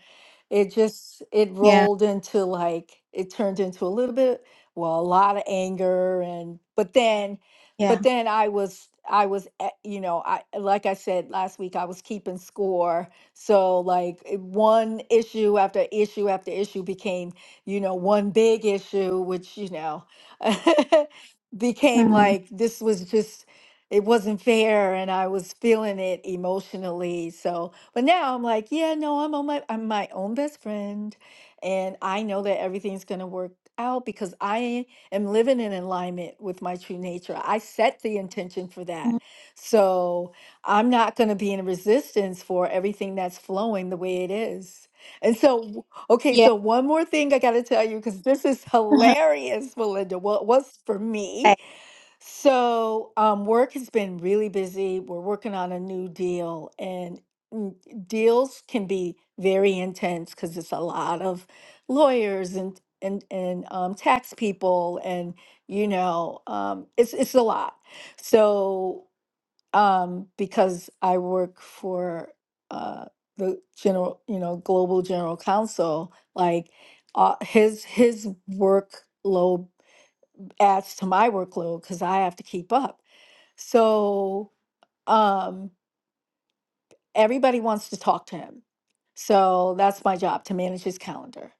[SPEAKER 4] it just it
[SPEAKER 1] yeah,
[SPEAKER 4] rolled into like it turned into a little bit, well, a lot of anger and but then
[SPEAKER 1] yeah.
[SPEAKER 4] but then I was I was eh, you know, I like I said last week I was keeping score. So like it- one issue after issue after issue became, you know, one big issue which, you know, became
[SPEAKER 1] Mm,
[SPEAKER 4] like this was just it wasn't fair and I was feeling it emotionally. So, but now I'm like, yeah, no, I'm on my I'm my own best friend and I know that everything's going to work out because I am living in alignment with my true nature. I set the intention for that. So, I'm not going to be in resistance for everything that's flowing the way it is. And so, w- okay,
[SPEAKER 1] Yeah.
[SPEAKER 4] so one more thing I got to tell you because this is hilarious, Melinda. What was for me?
[SPEAKER 1] Okay.
[SPEAKER 4] So, um, work has been really busy. We're working on a new deal, and mm, deals can be very intense because it's a lot of lawyers and and and um, tax people, and you know, um, it's it's a lot. So, um, because I work for uh, the general, you know, global general counsel, like uh, his his workload adds to my workload because I have to keep up. So, um, everybody wants to talk to him. So that's my job to manage his calendar.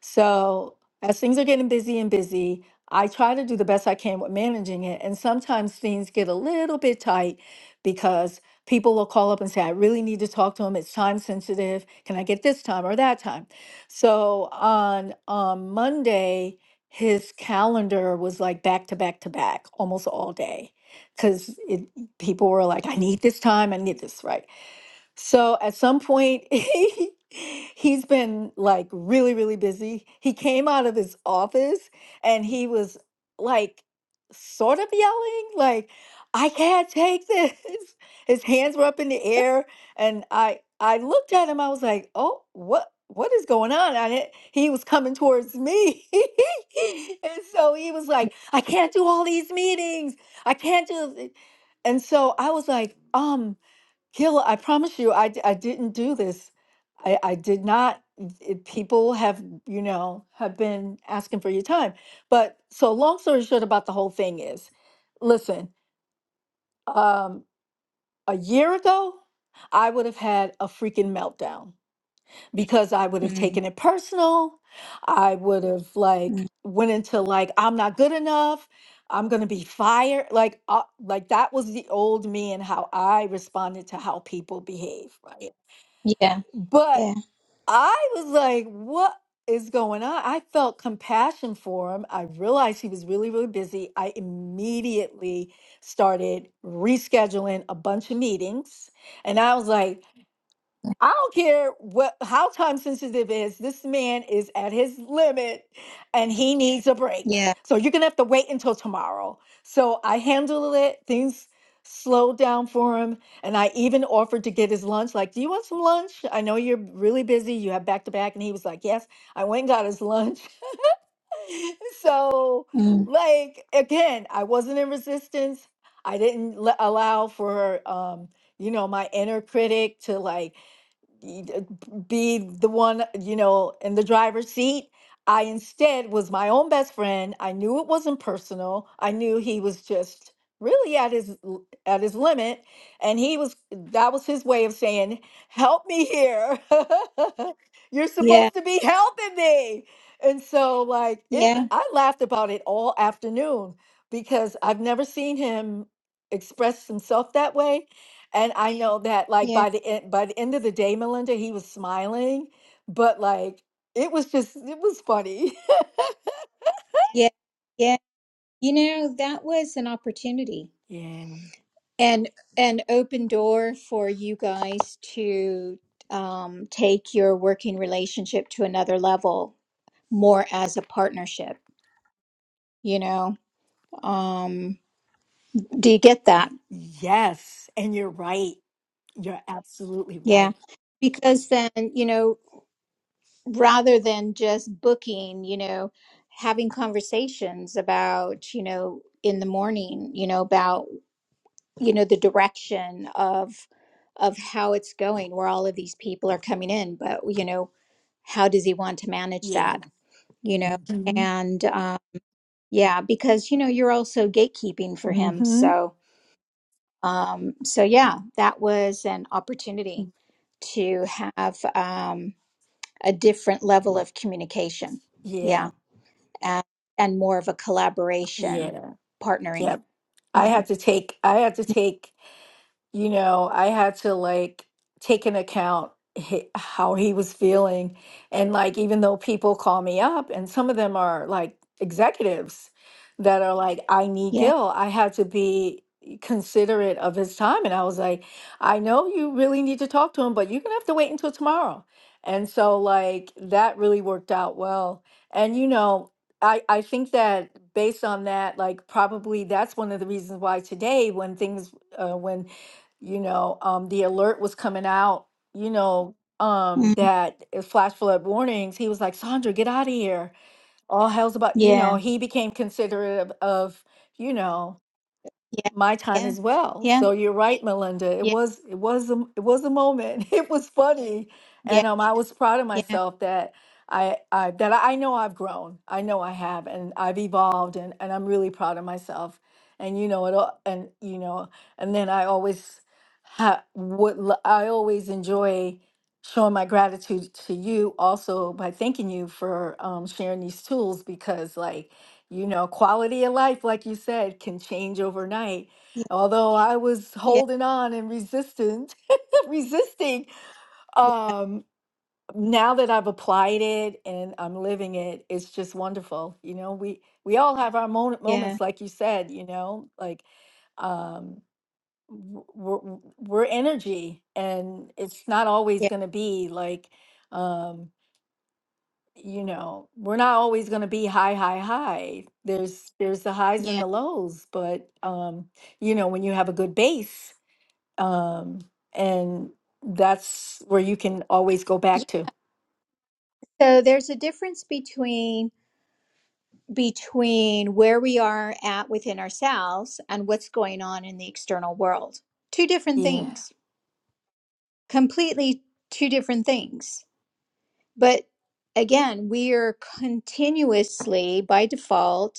[SPEAKER 4] So as things are getting busy and busy, I try to do the best I can with managing it. And sometimes things get a little bit tight because people will call up and say, I really need to talk to him. It's time sensitive. Can I get this time or that time? So on, on Monday, his calendar was like back to back to back almost all day because people were like, I need this time. I need this, right? So at some point, he's he he's been like really, really busy. He came out of his office and he was like sort of yelling, like, I can't take this. His hands were up in the air. And I I looked at him, I was like, oh, what what is going on? I didn't, he was coming towards me. and so he was like, I can't do all these meetings. I can't do this." and so I was like, um, Gil, I promise you, I, d- I didn't do this. I, I did not. it- people have, you know, have been asking for your time. But so long story short about the whole thing is, listen, um, a year ago, I would have had a freaking meltdown because I would have
[SPEAKER 1] Mm.
[SPEAKER 4] taken it personal. I would have like
[SPEAKER 1] Mm.
[SPEAKER 4] went into like I'm not good enough. I'm gonna be fired. Like, uh, like that was the old me and how I responded to how people behave, right?
[SPEAKER 1] Yeah.
[SPEAKER 4] But
[SPEAKER 1] Yeah.
[SPEAKER 4] I was like, what is going on? I felt compassion for him. I realized he was really, really busy. I immediately started rescheduling a bunch of meetings. And I was like, I don't care what how time sensitive it is. This man is at his limit and he needs a break.
[SPEAKER 1] Yeah.
[SPEAKER 4] So you're gonna have to wait until tomorrow. So I handled it. Things slowed down for him. And I even offered to get his lunch. Like, do you want some lunch? I know you're really busy. You have back to back. And he was like, Yes. I went and got his lunch. so,
[SPEAKER 1] Mm.
[SPEAKER 4] like, again, I wasn't in resistance. I didn't l- allow for um, you know, my inner critic to like y- uh, be the one, you know, in the driver's seat. I instead was my own best friend. I knew it wasn't personal. I knew he was just really at his l- at his limit and he was that was his way of saying, "Help me here. You're
[SPEAKER 1] Yeah.
[SPEAKER 4] supposed to be helping me." And so like it
[SPEAKER 1] Yeah.
[SPEAKER 4] I laughed about it all afternoon because I've never seen him express himself that way and I know that like
[SPEAKER 1] Yeah.
[SPEAKER 4] by the end by the end of the day, Melinda, he was smiling, but like it was just it was funny.
[SPEAKER 1] Yeah. Yeah. You know, that was an opportunity
[SPEAKER 4] Yeah.
[SPEAKER 1] and an open door for you guys to um, take your working relationship to another level more as a partnership. You know, um, do you get that?
[SPEAKER 4] Yes. And you're right. You're absolutely
[SPEAKER 1] Yeah.
[SPEAKER 4] right.
[SPEAKER 1] Because then, you know, rather than just booking, you know, having conversations about, you know, in the morning, you know, about, you know, the direction of of how it's going, where all of these people are coming in, but you know, how does he want to manage
[SPEAKER 4] Yeah.
[SPEAKER 1] that, you know?
[SPEAKER 4] Mm-hmm.
[SPEAKER 1] And uh, yeah, because you know, you're also gatekeeping for him.
[SPEAKER 4] Mm-hmm.
[SPEAKER 1] So um so yeah, that was an opportunity to have um a different level of communication. Yeah.
[SPEAKER 4] Yeah.
[SPEAKER 1] and, and more of a collaboration
[SPEAKER 4] Yeah.
[SPEAKER 1] partnering
[SPEAKER 4] Yep. I
[SPEAKER 1] yeah
[SPEAKER 4] had to take I had to take you know, I had to like take an account hi- how he was feeling. And like, even though people call me up, and some of them are like executives that are like, I need
[SPEAKER 1] yeah
[SPEAKER 4] Gil, I had to be considerate of his time. And I was like, I know you really need to talk to him, but you're going to have to wait until tomorrow. And so, like, that really worked out well. And, you know, I, I think that based on that, like, probably that's one of the reasons why today, when things, uh, when you know um the alert was coming out you know um
[SPEAKER 1] mm,
[SPEAKER 4] that it flash flood warnings he was like sandra get out of here all hell's about you know
[SPEAKER 1] yeah
[SPEAKER 4] he became considerate of, of you know
[SPEAKER 1] yeah
[SPEAKER 4] my time
[SPEAKER 1] yeah
[SPEAKER 4] as well.
[SPEAKER 1] yeah
[SPEAKER 4] So you're right, Melinda. It
[SPEAKER 1] yeah
[SPEAKER 4] was it was a, it was a moment. It was funny,
[SPEAKER 1] yeah
[SPEAKER 4] and um, I was proud of
[SPEAKER 1] yeah yeah yeah
[SPEAKER 4] myself that I, I that I know I've grown. I know I have, and I've evolved, and and I'm really proud of myself. And you know it all, and you know, and then I always ha- would l- I always enjoy showing my gratitude to you also by thanking you for um, sharing these tools because like you know, quality of life, like you said, can change overnight. Although I was
[SPEAKER 1] yeah
[SPEAKER 4] holding on and resistant, resisting, um, now that I've applied it and I'm living it, it's just wonderful. You know, we we all have our moment,
[SPEAKER 1] yeah
[SPEAKER 4] moments, like you said. You know, like um, w- we're, we're energy, and it's not always
[SPEAKER 1] yeah
[SPEAKER 4] going to be like. Um, you know, we're not always going to be high, high, high. There's there's the highs and
[SPEAKER 1] Yeah.
[SPEAKER 4] the lows, but um, you know, when you have a good base, um, and that's where you can always go back to.
[SPEAKER 1] so there's a difference between between where we are at within ourselves and what's going on in the external world two different
[SPEAKER 4] Yeah.
[SPEAKER 1] things completely two different things but again we are continuously by default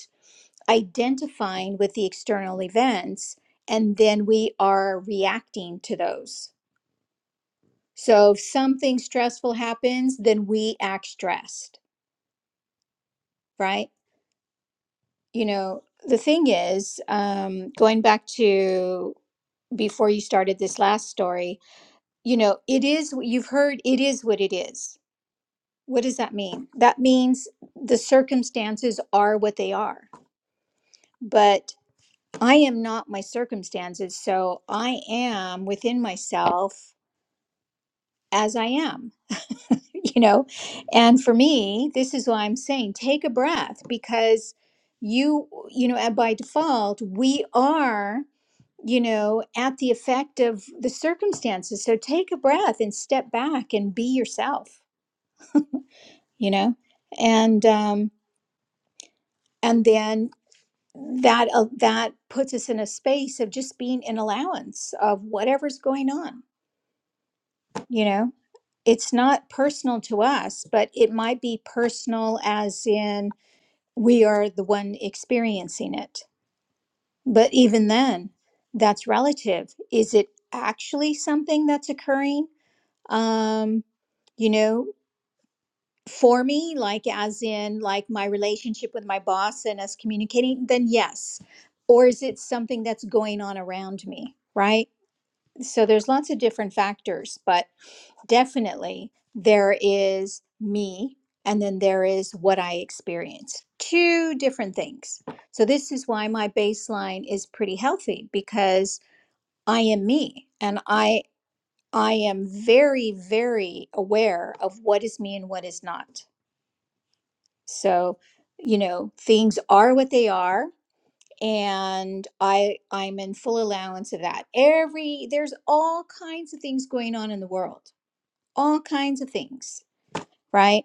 [SPEAKER 1] identifying with the external events and then we are reacting to those. So if something stressful happens, then we act stressed, right? You know, the thing is, um, going back to before you started this last story, you know, it is, you've heard it is what it is. What does that mean? That means the circumstances are what they are. But I am not my circumstances, so I am within myself as I am, you know? And for me, this is why I'm saying take a breath because you, you know, and by default, we are, you know, at the effect of the circumstances. So take a breath and step back and be yourself, you know? And, um, and then that, uh, that puts us in a space of just being an allowance of whatever's going on you know it's not personal to us but it might be personal as in we are the one experiencing it but even then that's relative is it actually something that's occurring um you know for me like as in like my relationship with my boss and us communicating then yes or is it something that's going on around me right so there's lots of different factors but definitely there is me and then there is what I experience. Two different things. So this is why my baseline is pretty healthy because I am me and I I am very very aware of what is me and what is not. So, you know, things are what they are and I I'm in full allowance of that. Every there's all kinds of things going on in the world. All kinds of things, right?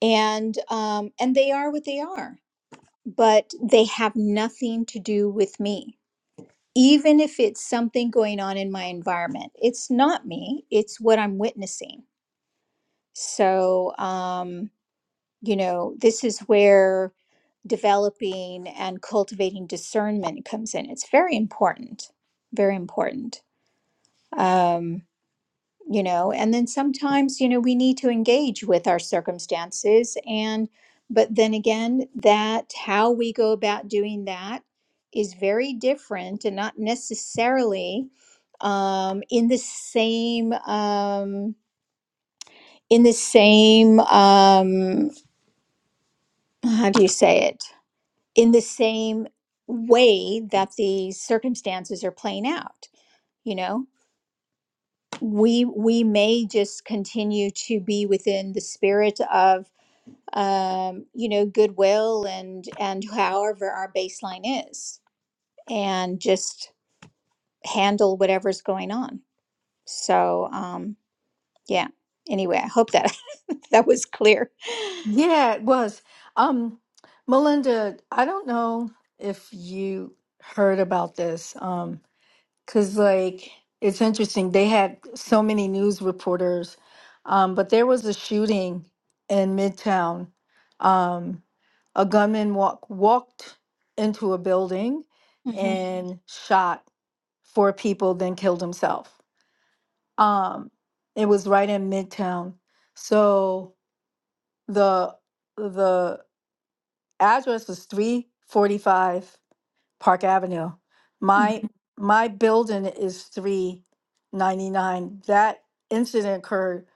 [SPEAKER 1] and um, and they are what they are but they have nothing to do with me even if it's something going on in my environment it's not me it's what i'm witnessing so um, you know this is where developing and cultivating discernment comes in it's very important very important Um, you know and then sometimes you know we need to engage with our circumstances and but then again that how we go about doing that is very different and not necessarily um, in the same um, in the same um, how do you say it in the same way that the circumstances are playing out you know we we may just continue to be within the spirit of um, you know, goodwill and and however our baseline is, and just handle whatever's going on. So um, yeah. Anyway, I hope that that was clear.
[SPEAKER 4] Yeah, it was. Um, Melinda, I don't know if you heard about this. Um, Because, like, it's interesting. They had so many news reporters, um, but there was a shooting in Midtown. Um, a gunman walk, walked into a building Mhm.
[SPEAKER 1] hmm
[SPEAKER 4] and shot four people, then killed himself. Um, it was right in Midtown. So the the address was 345 Park Avenue.
[SPEAKER 1] hmm
[SPEAKER 4] My my building is three ninety nine. That incident occurred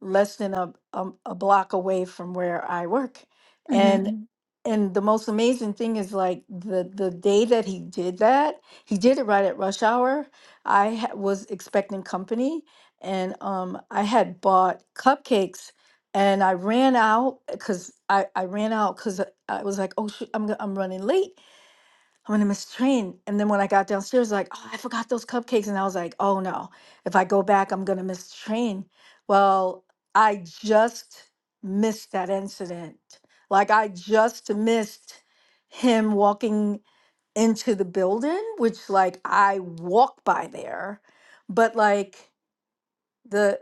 [SPEAKER 4] less than a, a a block away from where I work,
[SPEAKER 1] hmm
[SPEAKER 4] and Mhm. and the most amazing thing is like the the day that he did that, he did it right at rush hour. I ha- was expecting company, and um I had bought cupcakes. And I ran out because I, I ran out because I was like, oh shoot, I'm, go- I'm running late I'm gonna miss the train. And then when I got downstairs, like, oh, I forgot those cupcakes. And I was like, oh no, if I go back, I'm gonna miss the train. Well, I just missed that incident. Like, I just missed him walking into the building, which, like, I walk by there. But, like, the,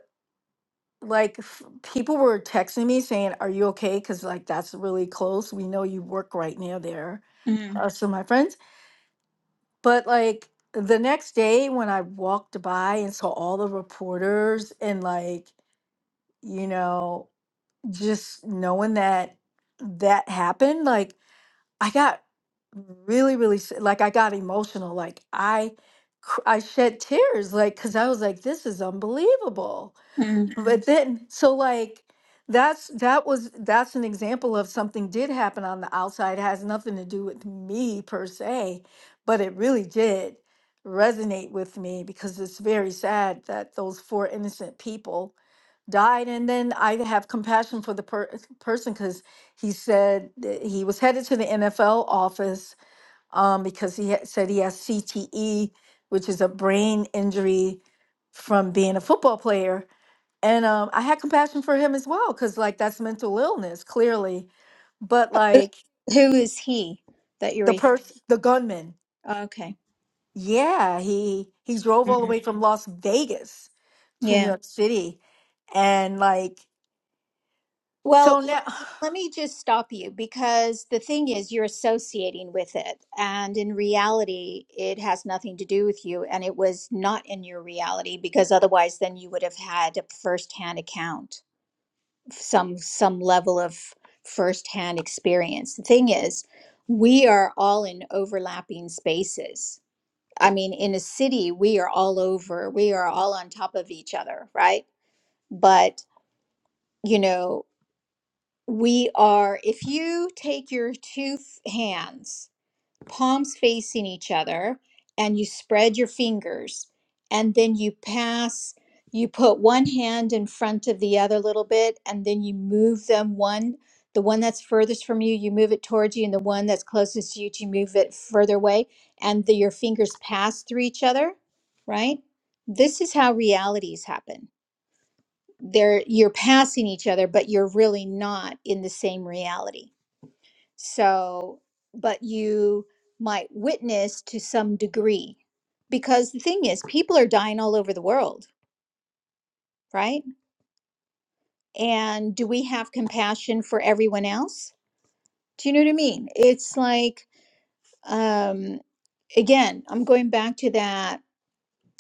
[SPEAKER 4] like, f- people were texting me saying, are you okay? Because, like, that's really close. We know you work right near there.
[SPEAKER 1] hmm
[SPEAKER 4] Uh, so my friend but like the next day when I walked by and saw all the reporters and like, you know, just knowing that that happened, like I got really, really s- like I got emotional. Like I, cr- I shed tears, like because I was like, this is unbelievable
[SPEAKER 1] hmm
[SPEAKER 4] but then, so like that's that was that's an example of something did happen on the outside. It has nothing to do with me per se, but it really did resonate with me because it's very sad that those four innocent people died. And then I have compassion for the per- person because he said that he was headed to the NFL office um, because he ha- said he has CTE, which is a brain injury from being a football player and um, I had compassion for him as well because like that's mental illness clearly, but like
[SPEAKER 1] who is he that you're
[SPEAKER 4] the
[SPEAKER 1] referring?
[SPEAKER 4] person, the gunman,
[SPEAKER 1] Okay.
[SPEAKER 4] yeah, he he drove all the
[SPEAKER 1] Mhm.
[SPEAKER 4] way from Las Vegas to
[SPEAKER 1] Yeah.
[SPEAKER 4] New York City, and like
[SPEAKER 1] Well,
[SPEAKER 4] so
[SPEAKER 1] l-
[SPEAKER 4] now,
[SPEAKER 1] let me just stop you because the thing is, you're associating with it. And in reality, it has nothing to do with you. And it was not in your reality because otherwise, then you would have had a firsthand account, some, some level of firsthand experience. The thing is, we are all in overlapping spaces. I mean, in a city, we are all over, we are all on top of each other, right? But, you know, we are if you take your two f- hands palms facing each other and you spread your fingers and then you pass you put one hand in front of the other a little bit and then you move them one the one that's furthest from you you move it towards you and the one that's closest to you you move it further away and the, your fingers pass through each other right this is how realities happen there you're passing each other but you're really not in the same reality so but you might witness to some degree because the thing is people are dying all over the world right and do we have compassion for everyone else do you know what i mean it's like um again i'm going back to that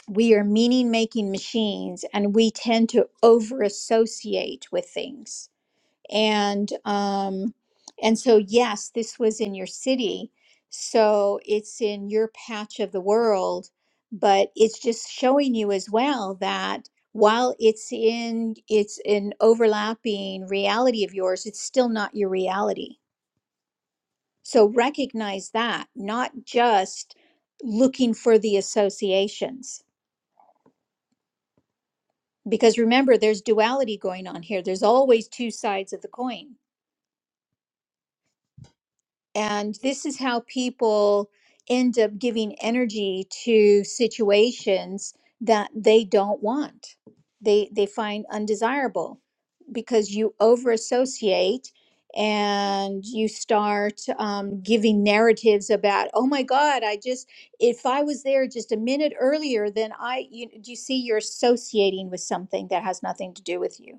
[SPEAKER 1] we are meaning making machines and we tend to over associate with things and um and so yes this was in your city so it's in your patch of the world but it's just showing you as well that while it's in it's an overlapping reality of yours it's still not your reality so recognize that not just looking for the associations because remember there's duality going on here there's always two sides of the coin And this is how people end up giving energy to situations that they don't want. They they find undesirable because you over associate and you start um, giving narratives about oh my god i just if i was there just a minute earlier then i you, do you see you're associating with something that has nothing to do with you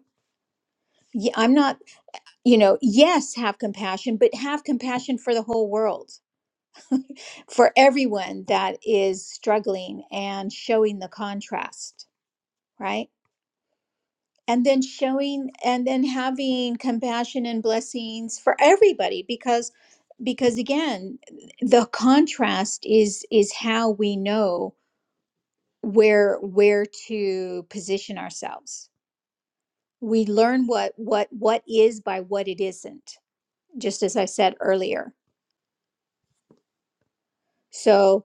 [SPEAKER 1] yeah, i'm not you know yes have compassion but have compassion for the whole world for everyone that is struggling and showing the contrast, right? And then showing and then having compassion and blessings for everybody because because again, the contrast is is how we know where where to position ourselves. We learn what what what is by what it isn't, just as I said earlier. So,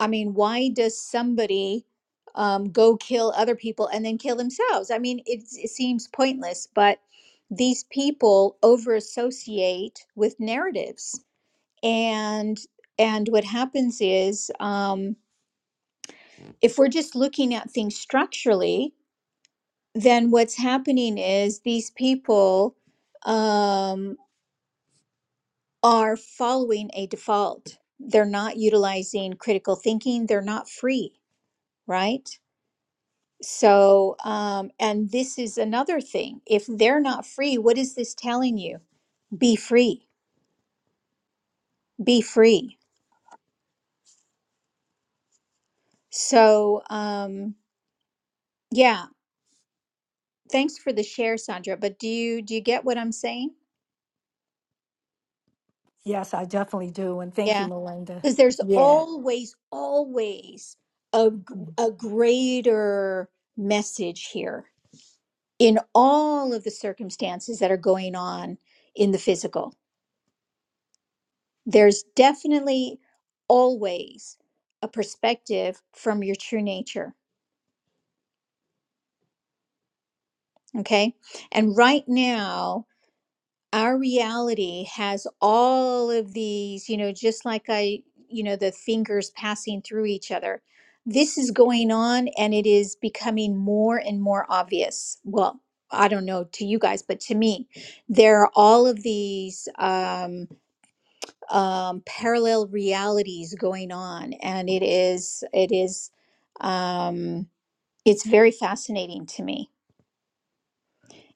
[SPEAKER 1] I mean, why does somebody um, go kill other people and then kill themselves? I mean, it, it seems pointless, but these people over associate with narratives. And and what happens is um, if we're just looking at things structurally, then what's happening is these people um, are following a default. They're not utilizing critical thinking. They're not free, right? So, um, and this is another thing. If they're not free, what is this telling you? Be free, be free. So, um, yeah, thanks for the share, Sandra. But do you do you get what I'm saying?
[SPEAKER 4] yes, I definitely do, and thank you,
[SPEAKER 1] Yeah,
[SPEAKER 4] Melinda.
[SPEAKER 1] because there's
[SPEAKER 4] Yeah,
[SPEAKER 1] always, always a g-
[SPEAKER 4] Mm-hmm.
[SPEAKER 1] a greater message here in all of the circumstances that are going on in the physical. There's definitely always a perspective from your true nature. Okay. And right now, our reality has all of these, you know, just like I, you know, the fingers passing through each other. This is going on and it is becoming more and more obvious. Well, I don't know to you guys, but to me, there are all of these. um, um, parallel realities going on, and it is it is um, it's very fascinating to me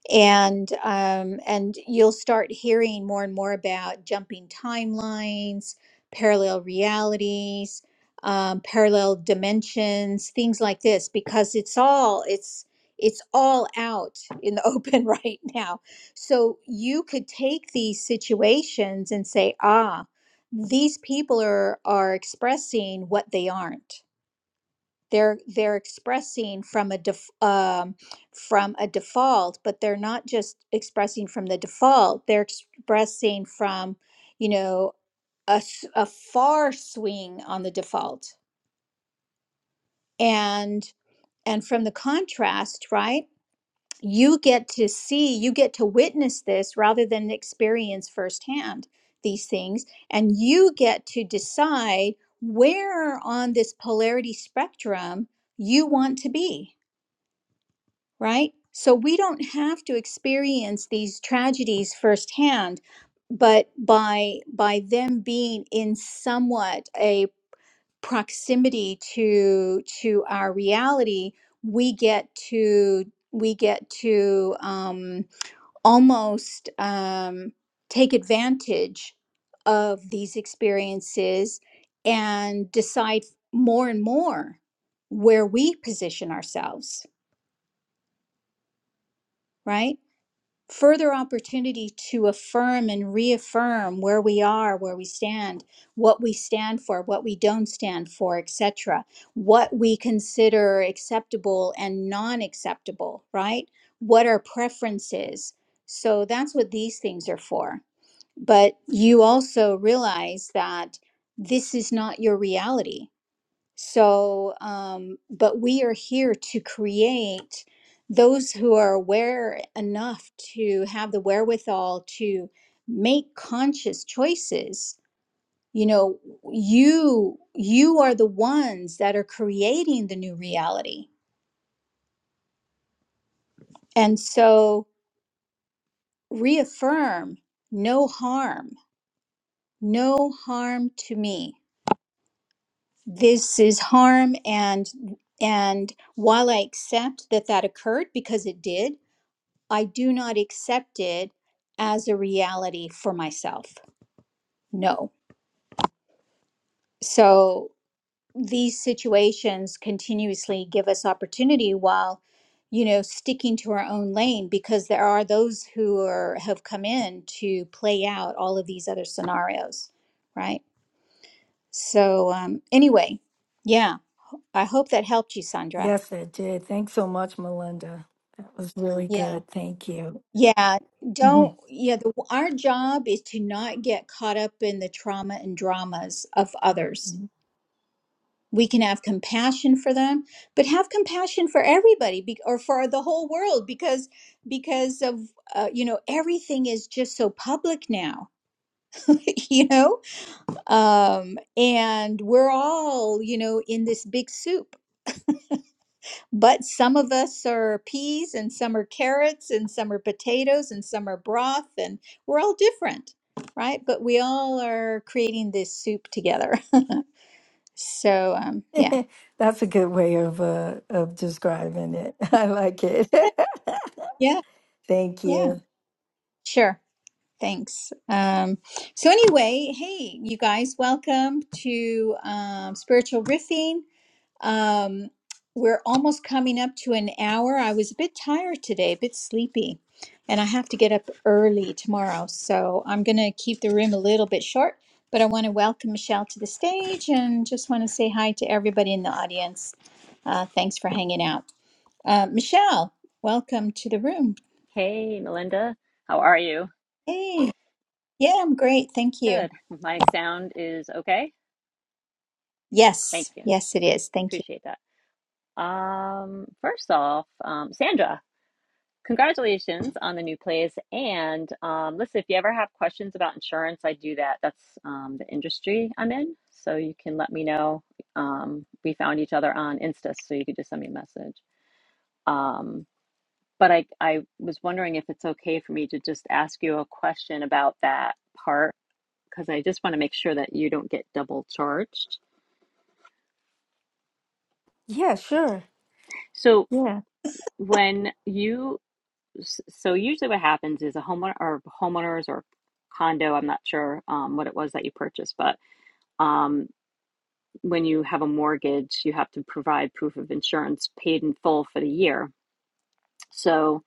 [SPEAKER 1] and um, and you'll start hearing more and more about jumping timelines, parallel realities, um, parallel dimensions, things like this, because it's all it's it's all out in the open right now. So you could take these situations and say, ah, these people are are expressing what they aren't they're they're expressing from a def, um, from a default but they're not just expressing from the default they're expressing from you know a, s- a far swing on the default and and from the contrast right you get to see you get to witness this rather than experience firsthand these things and you get to decide where on this polarity spectrum you want to be right? So we don't have to experience these tragedies firsthand, but by by them being in somewhat a proximity to to our reality, we get to we get to um, almost um, take advantage of these experiences and decide more and more where we position ourselves, right? further opportunity to affirm and reaffirm where we are, where we stand, what we stand for, what we don't stand for, etc. What we consider acceptable and non-acceptable, right? What our preferences. So that's what these things are for. But you also realize that this is not your reality so, um, but we are here to create those who are aware enough to have the wherewithal to make conscious choices. You know, you you are the ones that are creating the new reality. And so reaffirm no harm, no harm to me. This is harm and and while I accept that that occurred because it did, I do not accept it as a reality for myself. No. So these situations continuously give us opportunity while you know sticking to our own lane because there are those who are have come in to play out all of these other scenarios right so um anyway yeah i hope that helped you sandra
[SPEAKER 4] yes, it did. Thanks so much, Melinda. That was really
[SPEAKER 1] yeah
[SPEAKER 4] good. Thank you.
[SPEAKER 1] Yeah,
[SPEAKER 4] Mhm.
[SPEAKER 1] don't, yeah, the, our job is to not get caught up in the trauma and dramas of others. We can have compassion for them, but have compassion for everybody be, or for the whole world because because of uh, you know everything is just so public now, you know, um, and we're all you know in this big soup. But some of us are peas and some are carrots and some are potatoes and some are broth and we're all different, right? But we all are creating this soup together. So, um, yeah.
[SPEAKER 4] That's a good way of uh, of describing it. I like it.
[SPEAKER 1] Yeah. Yeah.
[SPEAKER 4] Thank
[SPEAKER 1] Yeah.
[SPEAKER 4] you.
[SPEAKER 1] Sure. Thanks. Um, so anyway, hey, you guys, welcome to um, Spiritual Riffing. Um, we're almost coming up to an hour. I was a bit tired today, a bit sleepy, and I have to get up early tomorrow. So I'm going to keep the room a little bit short, but I want to welcome Michelle to the stage and just want to say hi to everybody in the audience. Uh, thanks for hanging out. Uh, Michelle, welcome to the room.
[SPEAKER 5] Hey, Melinda. How are you?
[SPEAKER 1] Hey, yeah, I'm great. Thank you.
[SPEAKER 5] Good. My sound is okay. Thank
[SPEAKER 1] Yes,
[SPEAKER 5] you.
[SPEAKER 1] yes, it is. Thank you.
[SPEAKER 5] Appreciate that. Um, first off, um, Sandra, congratulations on the new place. And um, listen, if you ever have questions about insurance, I do that. That's um, the industry I'm in. So you can let me know. Um, we found each other on Insta, so you could just send me a message. Um, but I, I was wondering if it's okay for me to just ask you a question about that part because I just want to make sure that you don't get double charged.
[SPEAKER 4] Yeah, sure.
[SPEAKER 5] So
[SPEAKER 4] Yeah.
[SPEAKER 5] when you so usually what happens is a homeowner or homeowners or condo, I'm not sure um, what it was that you purchased, but um, when you have a mortgage, you have to provide proof of insurance paid in full for the year. So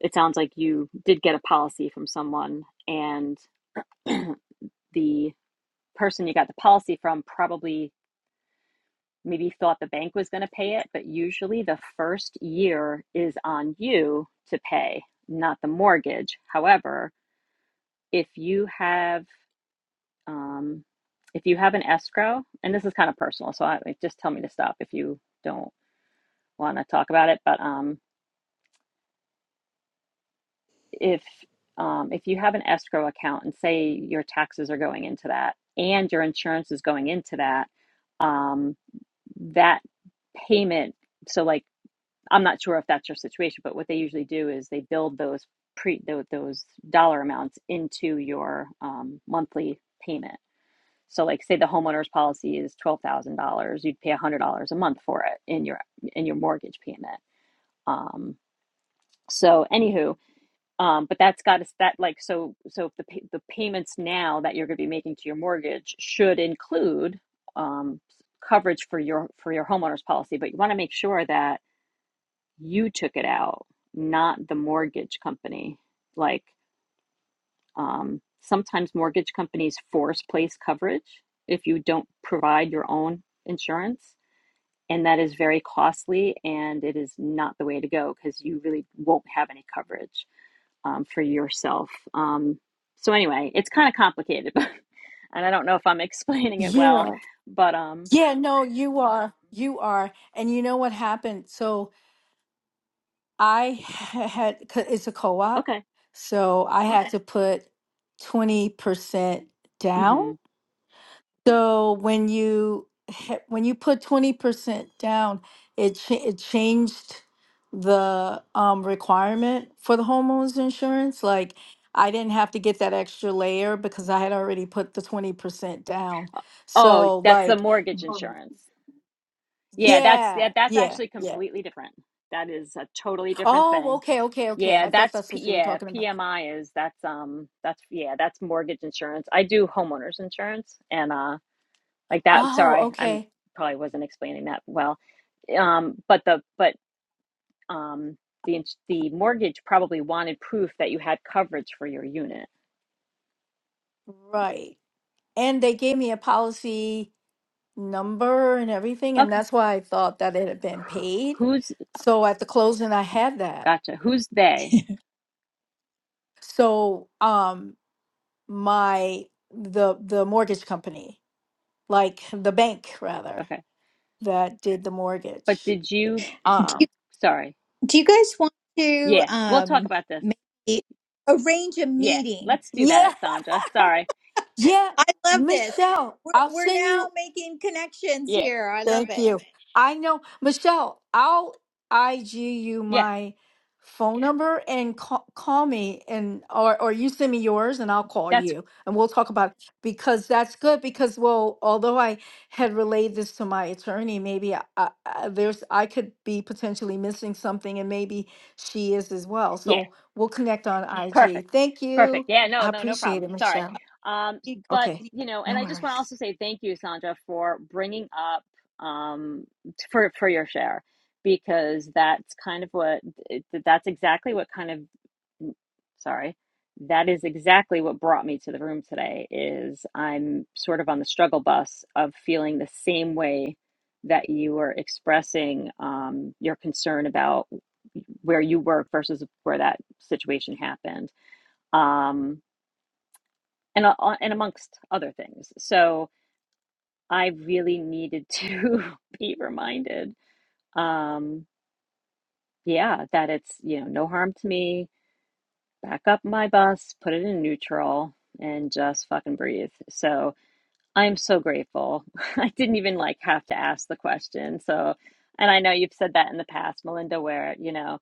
[SPEAKER 5] it sounds like you did get a policy from someone, and the person you got the policy from probably maybe thought the bank was going to pay it, but usually the first year is on you to pay, not the mortgage. However, if you have um, if you have an escrow, and this is kind of personal, so I, like, just tell me to stop if you don't want to talk about it. But um, if um, if you have an escrow account and say your taxes are going into that and your insurance is going into that, um, that payment. So like I'm not sure if that's your situation, but what they usually do is they build those pre tho- those dollar amounts into your um, monthly payment. So, like, say the homeowner's policy is twelve thousand dollars, you'd pay a hundred dollars a month for it in your in your mortgage payment. Um, so, anywho, um, but that's got to that like so so if the pay, the payments now that you're going to be making to your mortgage should include um, coverage for your for your homeowner's policy, but you want to make sure that you took it out, not the mortgage company. Like um, sometimes mortgage companies force place coverage if you don't provide your own insurance. And that is very costly and it is not the way to go because you really won't have any coverage um, for yourself. Um, so, anyway, it's kind of complicated, and I don't know if I'm explaining it well,
[SPEAKER 4] Yeah.
[SPEAKER 5] but um,
[SPEAKER 4] Yeah, no, you are. You are. And you know what happened? So I had, 'cause it's a co op.
[SPEAKER 5] okay.
[SPEAKER 4] So I had to put 20% down.
[SPEAKER 5] hmm
[SPEAKER 4] So when you ha- when you put twenty percent down, it cha- it changed the um, requirement for the homeowners insurance. Like I didn't have to get that extra layer because I had already put the twenty percent down.
[SPEAKER 5] Oh,
[SPEAKER 4] So
[SPEAKER 5] that's the
[SPEAKER 4] like,
[SPEAKER 5] mortgage
[SPEAKER 4] Oh.
[SPEAKER 5] insurance. Yeah, that's yeah,
[SPEAKER 4] yeah,
[SPEAKER 5] that's
[SPEAKER 4] yeah,
[SPEAKER 5] actually
[SPEAKER 4] yeah.
[SPEAKER 5] completely different. That is a totally different
[SPEAKER 4] Oh,
[SPEAKER 5] thing.
[SPEAKER 4] okay, okay, okay.
[SPEAKER 5] Yeah,
[SPEAKER 4] I thought
[SPEAKER 5] that's
[SPEAKER 4] that's
[SPEAKER 5] P
[SPEAKER 4] what you were
[SPEAKER 5] yeah,
[SPEAKER 4] talking about.
[SPEAKER 5] PMI is that's um that's yeah, that's mortgage insurance. I do homeowners insurance and uh like that
[SPEAKER 4] Oh,
[SPEAKER 5] sorry, I'm
[SPEAKER 4] okay,
[SPEAKER 5] probably wasn't explaining that well. Um but the but um the ins- the mortgage probably wanted proof that you had coverage for your unit.
[SPEAKER 4] right. And they gave me a policy number and everything, and
[SPEAKER 5] Okay.
[SPEAKER 4] that's why I thought that it had been paid.
[SPEAKER 5] Who's
[SPEAKER 4] So at the closing, I had that.
[SPEAKER 5] gotcha. Who's they?
[SPEAKER 4] So um, my the the mortgage company, like the bank rather,
[SPEAKER 5] Okay.
[SPEAKER 4] that did the
[SPEAKER 5] But
[SPEAKER 4] mortgage.
[SPEAKER 5] did you
[SPEAKER 1] Do you,
[SPEAKER 4] Um,
[SPEAKER 5] sorry.
[SPEAKER 1] do you guys want to
[SPEAKER 5] Yeah, we'll talk
[SPEAKER 1] um,
[SPEAKER 5] about this.
[SPEAKER 1] maybe arrange a
[SPEAKER 5] Yeah,
[SPEAKER 1] meeting?
[SPEAKER 5] let's do
[SPEAKER 4] yeah,
[SPEAKER 5] that, Sandra. Sorry.
[SPEAKER 4] yeah,
[SPEAKER 1] I love this.
[SPEAKER 4] Michelle,
[SPEAKER 1] We're
[SPEAKER 4] I'll
[SPEAKER 1] we're
[SPEAKER 4] send
[SPEAKER 1] now
[SPEAKER 4] you.
[SPEAKER 1] making connections
[SPEAKER 5] Yeah,
[SPEAKER 1] here. I love
[SPEAKER 4] Thank
[SPEAKER 1] it.
[SPEAKER 4] you. I know, Michelle, I'll IG you
[SPEAKER 5] yeah,
[SPEAKER 4] my phone number and call, call me and or or you send me yours and I'll call
[SPEAKER 5] that's
[SPEAKER 4] you and we'll talk about because that's good because well although I had relayed this to my attorney maybe I, I, I- there's I could be potentially missing something and maybe she is as well
[SPEAKER 5] yeah,
[SPEAKER 4] so we'll connect on
[SPEAKER 5] perfect,
[SPEAKER 4] IG. Thank
[SPEAKER 5] perfect.
[SPEAKER 4] you.
[SPEAKER 5] Yeah, no,
[SPEAKER 4] I
[SPEAKER 5] no, no
[SPEAKER 4] appreciate
[SPEAKER 5] problem.
[SPEAKER 4] it,
[SPEAKER 5] Sorry.
[SPEAKER 4] Michelle.
[SPEAKER 5] Um,
[SPEAKER 1] You-
[SPEAKER 5] but
[SPEAKER 4] Okay.
[SPEAKER 5] you know, and
[SPEAKER 4] No
[SPEAKER 5] I just want to
[SPEAKER 4] worries.
[SPEAKER 5] also say thank you, Sandra, for bringing up um t- for for your share because that's kind of what it- that's exactly what kind of sorry that is exactly what brought me to the room today is i'm sort of on the struggle bus of feeling the same way that you were expressing um, your concern about where you work versus where that situation happened um, and, a- and amongst other things so i really needed to be reminded um, yeah that it's you know no harm to me back up my bus, put it in neutral, and just fucking breathe. So I'm so grateful. I didn't even like have to ask the question. So, and I know you've said that in the past, Melinda, where, you know,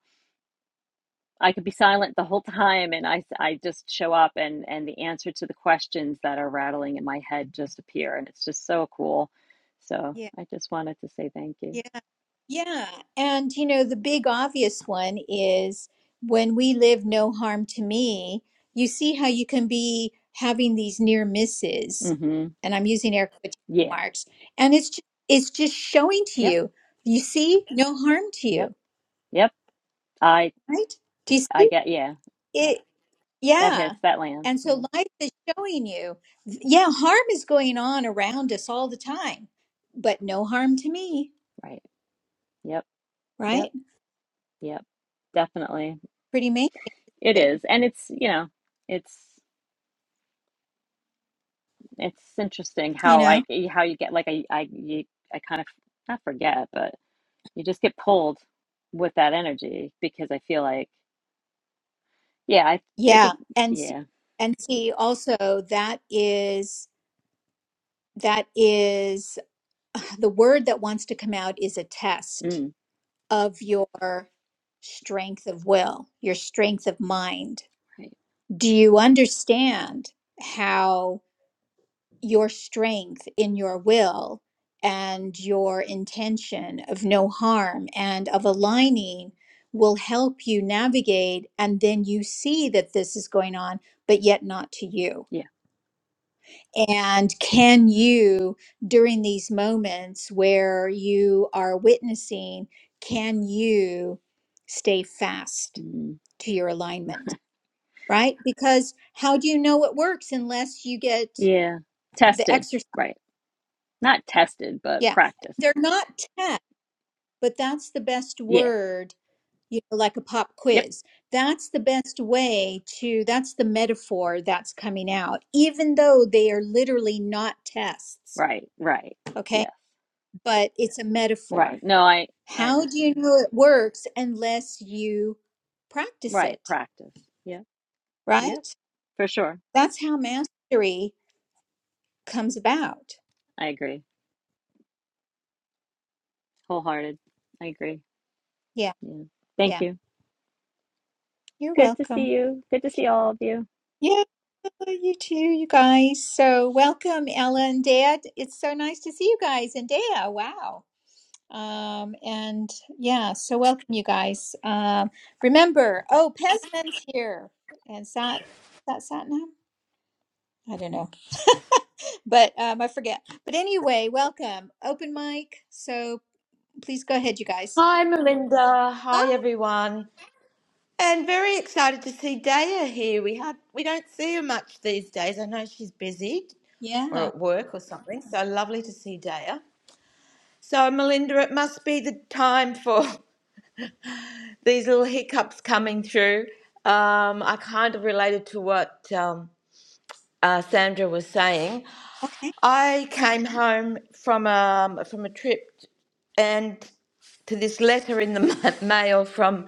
[SPEAKER 5] I could be silent the whole time and I, I just show up and, and the answer to the questions that are rattling in my head just appear. And it's just so cool. So
[SPEAKER 1] Yeah,
[SPEAKER 5] I just wanted to say thank you.
[SPEAKER 1] yeah, yeah. yeah. And you know, the big obvious one is when we live no harm to me. You see how you can be having these near misses,
[SPEAKER 5] Mm-hmm.
[SPEAKER 1] and I'm using air quotation
[SPEAKER 5] Yeah.
[SPEAKER 1] marks, and it's just, it's just showing to
[SPEAKER 5] Yep.
[SPEAKER 1] you. You see, no harm to
[SPEAKER 5] Yep.
[SPEAKER 1] you,
[SPEAKER 5] Yep. I,
[SPEAKER 1] right? Do you
[SPEAKER 5] I
[SPEAKER 1] see
[SPEAKER 5] get, yeah. That,
[SPEAKER 1] it?
[SPEAKER 5] that
[SPEAKER 1] Yeah.
[SPEAKER 5] hits, that lands.
[SPEAKER 1] And so
[SPEAKER 5] Yeah.
[SPEAKER 1] life is showing you, yeah, harm is going on around us all the time, but no harm to me,
[SPEAKER 5] Right. Yep. Yep,
[SPEAKER 1] right?
[SPEAKER 5] yep, definitely.
[SPEAKER 1] Pretty amazing,
[SPEAKER 5] It
[SPEAKER 1] it,
[SPEAKER 5] is. And it's, you know, it's it's interesting
[SPEAKER 1] you
[SPEAKER 5] how
[SPEAKER 1] know?
[SPEAKER 5] I how you get like I I you, I kind of not forget, but you just get pulled with that energy because I feel like yeah, I think
[SPEAKER 1] Yeah.
[SPEAKER 5] it
[SPEAKER 1] And see,
[SPEAKER 5] yeah.
[SPEAKER 1] and see also that is, that is the word that wants to come out is a test
[SPEAKER 5] Mm,
[SPEAKER 1] of your strength of will, your strength of mind.
[SPEAKER 5] right.
[SPEAKER 1] Do you understand how? your strength in your will and your intention of no harm and of aligning will help you navigate. And then you see that this is going on, but yet not to you.
[SPEAKER 5] Yeah.
[SPEAKER 1] And can you, during these moments where you are witnessing, can you stay fast
[SPEAKER 5] Mm,
[SPEAKER 1] to your alignment? Right? Because how do you know it works unless you get
[SPEAKER 5] yeah.
[SPEAKER 1] the
[SPEAKER 5] Tested,
[SPEAKER 1] exercise?
[SPEAKER 5] right. Not tested, but
[SPEAKER 1] Yeah.
[SPEAKER 5] practice.
[SPEAKER 1] They're not tests, but that's the best
[SPEAKER 5] Yeah.
[SPEAKER 1] word, you know, like a pop
[SPEAKER 5] Yep.
[SPEAKER 1] quiz. That's the best way to, that's the metaphor that's coming out, even though they are literally not tests.
[SPEAKER 5] Right, right.
[SPEAKER 1] Okay.
[SPEAKER 5] Yes.
[SPEAKER 1] But it's a
[SPEAKER 5] Right.
[SPEAKER 1] metaphor.
[SPEAKER 5] No, I I
[SPEAKER 1] How do you
[SPEAKER 5] understand.
[SPEAKER 1] know it works unless you practice
[SPEAKER 5] Right,
[SPEAKER 1] it?
[SPEAKER 5] practice. Yeah. yeah
[SPEAKER 1] Right.
[SPEAKER 5] For sure.
[SPEAKER 1] That's how mastery comes about.
[SPEAKER 5] I agree. Wholehearted. I agree.
[SPEAKER 1] Yeah.
[SPEAKER 5] Yeah. Thank
[SPEAKER 1] Yeah.
[SPEAKER 5] you.
[SPEAKER 1] You're
[SPEAKER 5] Good to
[SPEAKER 1] welcome.
[SPEAKER 5] see you. Good to see all of you.
[SPEAKER 1] Yeah, you too, you guys. So welcome, Ella and Dad. It's so nice to see you guys and Dea. Wow. Um, and yeah, so welcome you guys. Um, remember, oh, Pesman's here. And Sat, is that Satnam? I don't know, but um, I forget. But anyway, welcome. Open mic. So please go ahead, you guys.
[SPEAKER 6] Hi, Melinda. Hi,
[SPEAKER 1] Oh,
[SPEAKER 6] everyone. And very excited to see Daya here. We had we don't see her much these days. I know she's busy
[SPEAKER 1] yeah.
[SPEAKER 6] or at work or something. So lovely to see Daya. So, Melinda, it must be the time for these little hiccups coming through. Um, I kind of related to what um, uh, Sandra was saying.
[SPEAKER 1] Okay.
[SPEAKER 6] I came home from a, from a trip and to this letter in the ma- mail from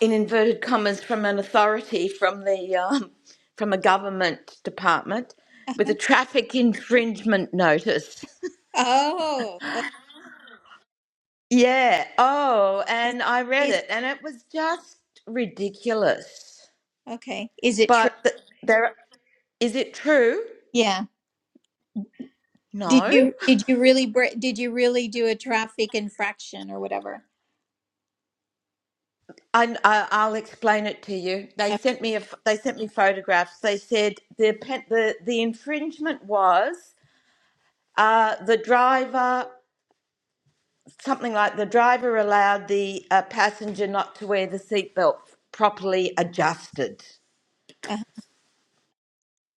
[SPEAKER 6] in inverted commas from an authority from the um, from a government department with a
[SPEAKER 1] Uh-huh.
[SPEAKER 6] traffic infringement notice.
[SPEAKER 1] Oh, okay.
[SPEAKER 6] Yeah. Oh, and I read
[SPEAKER 1] Is,
[SPEAKER 6] it, and it was just ridiculous.
[SPEAKER 1] okay. Is it true?
[SPEAKER 6] But th- there is it true?
[SPEAKER 1] Yeah. Did
[SPEAKER 6] No.
[SPEAKER 1] you did you really br- did you really do a traffic infraction or whatever?
[SPEAKER 6] I, I I'll explain it to you. They
[SPEAKER 1] Uh,
[SPEAKER 6] sent me a f they sent me photographs. They said the pen, the the infringement was uh, the driver something like the driver allowed the uh, passenger not to wear the seatbelt properly adjusted.
[SPEAKER 1] uh,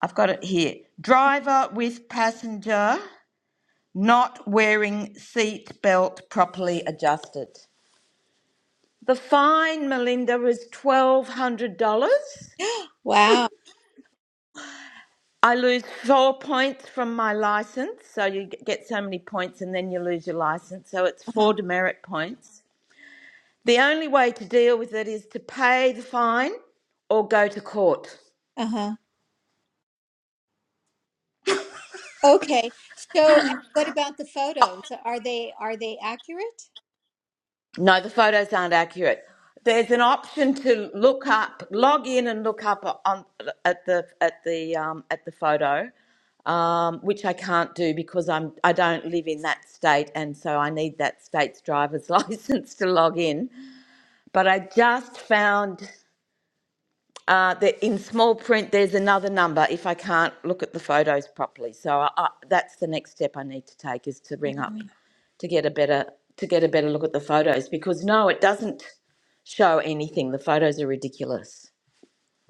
[SPEAKER 6] I've got it here. Driver with passenger not wearing seatbelt properly adjusted. The fine, Melinda, was $1,200.
[SPEAKER 1] wow.
[SPEAKER 6] I lose four points from my license. So you g- get so many points and then you lose your license. So it's
[SPEAKER 1] Uh-huh.
[SPEAKER 6] four demerit points. The only way to deal with it is to pay the fine or go to court.
[SPEAKER 1] Uh-huh. Okay. So what about the photos? Are they are they accurate?
[SPEAKER 6] No, the photos aren't accurate. There's an option to look up, log in and look up on at the at the um, at the photo, um, which I can't do because I'm I don't live in that state, and so I need that state's driver's license to log in. But I just found. Uh, that in small print, there's another number if I can't look at the photos properly. So I, I, that's the next step I need to take is to ring up
[SPEAKER 1] Mhm.
[SPEAKER 6] to get a better to get a better look at the photos because no, it doesn't show anything. The photos are ridiculous,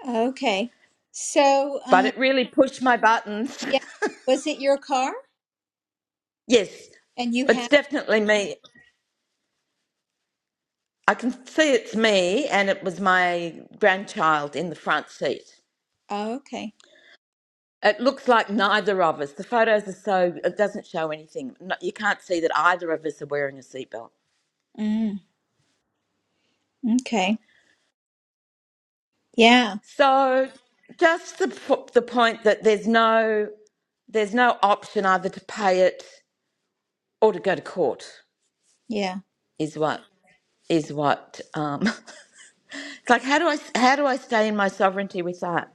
[SPEAKER 1] Okay. So
[SPEAKER 6] but
[SPEAKER 1] uh
[SPEAKER 6] it really pushed my buttons.
[SPEAKER 1] yeah, was it your car
[SPEAKER 6] yes,
[SPEAKER 1] and you
[SPEAKER 6] it's
[SPEAKER 1] had
[SPEAKER 6] definitely me. I can see it's me, and it was my grandchild in the front seat.
[SPEAKER 1] oh, okay.
[SPEAKER 6] It looks like neither of us. The photos are so, it doesn't show anything. No, you can't see that either of us are wearing a seatbelt.
[SPEAKER 1] Mm, okay. Yeah.
[SPEAKER 6] So just the, po- the point that there's no, there's no option either to pay it or to go to court
[SPEAKER 1] Yeah.
[SPEAKER 6] is what, is what, um, it's like, how do I, how do I stay in my sovereignty with that?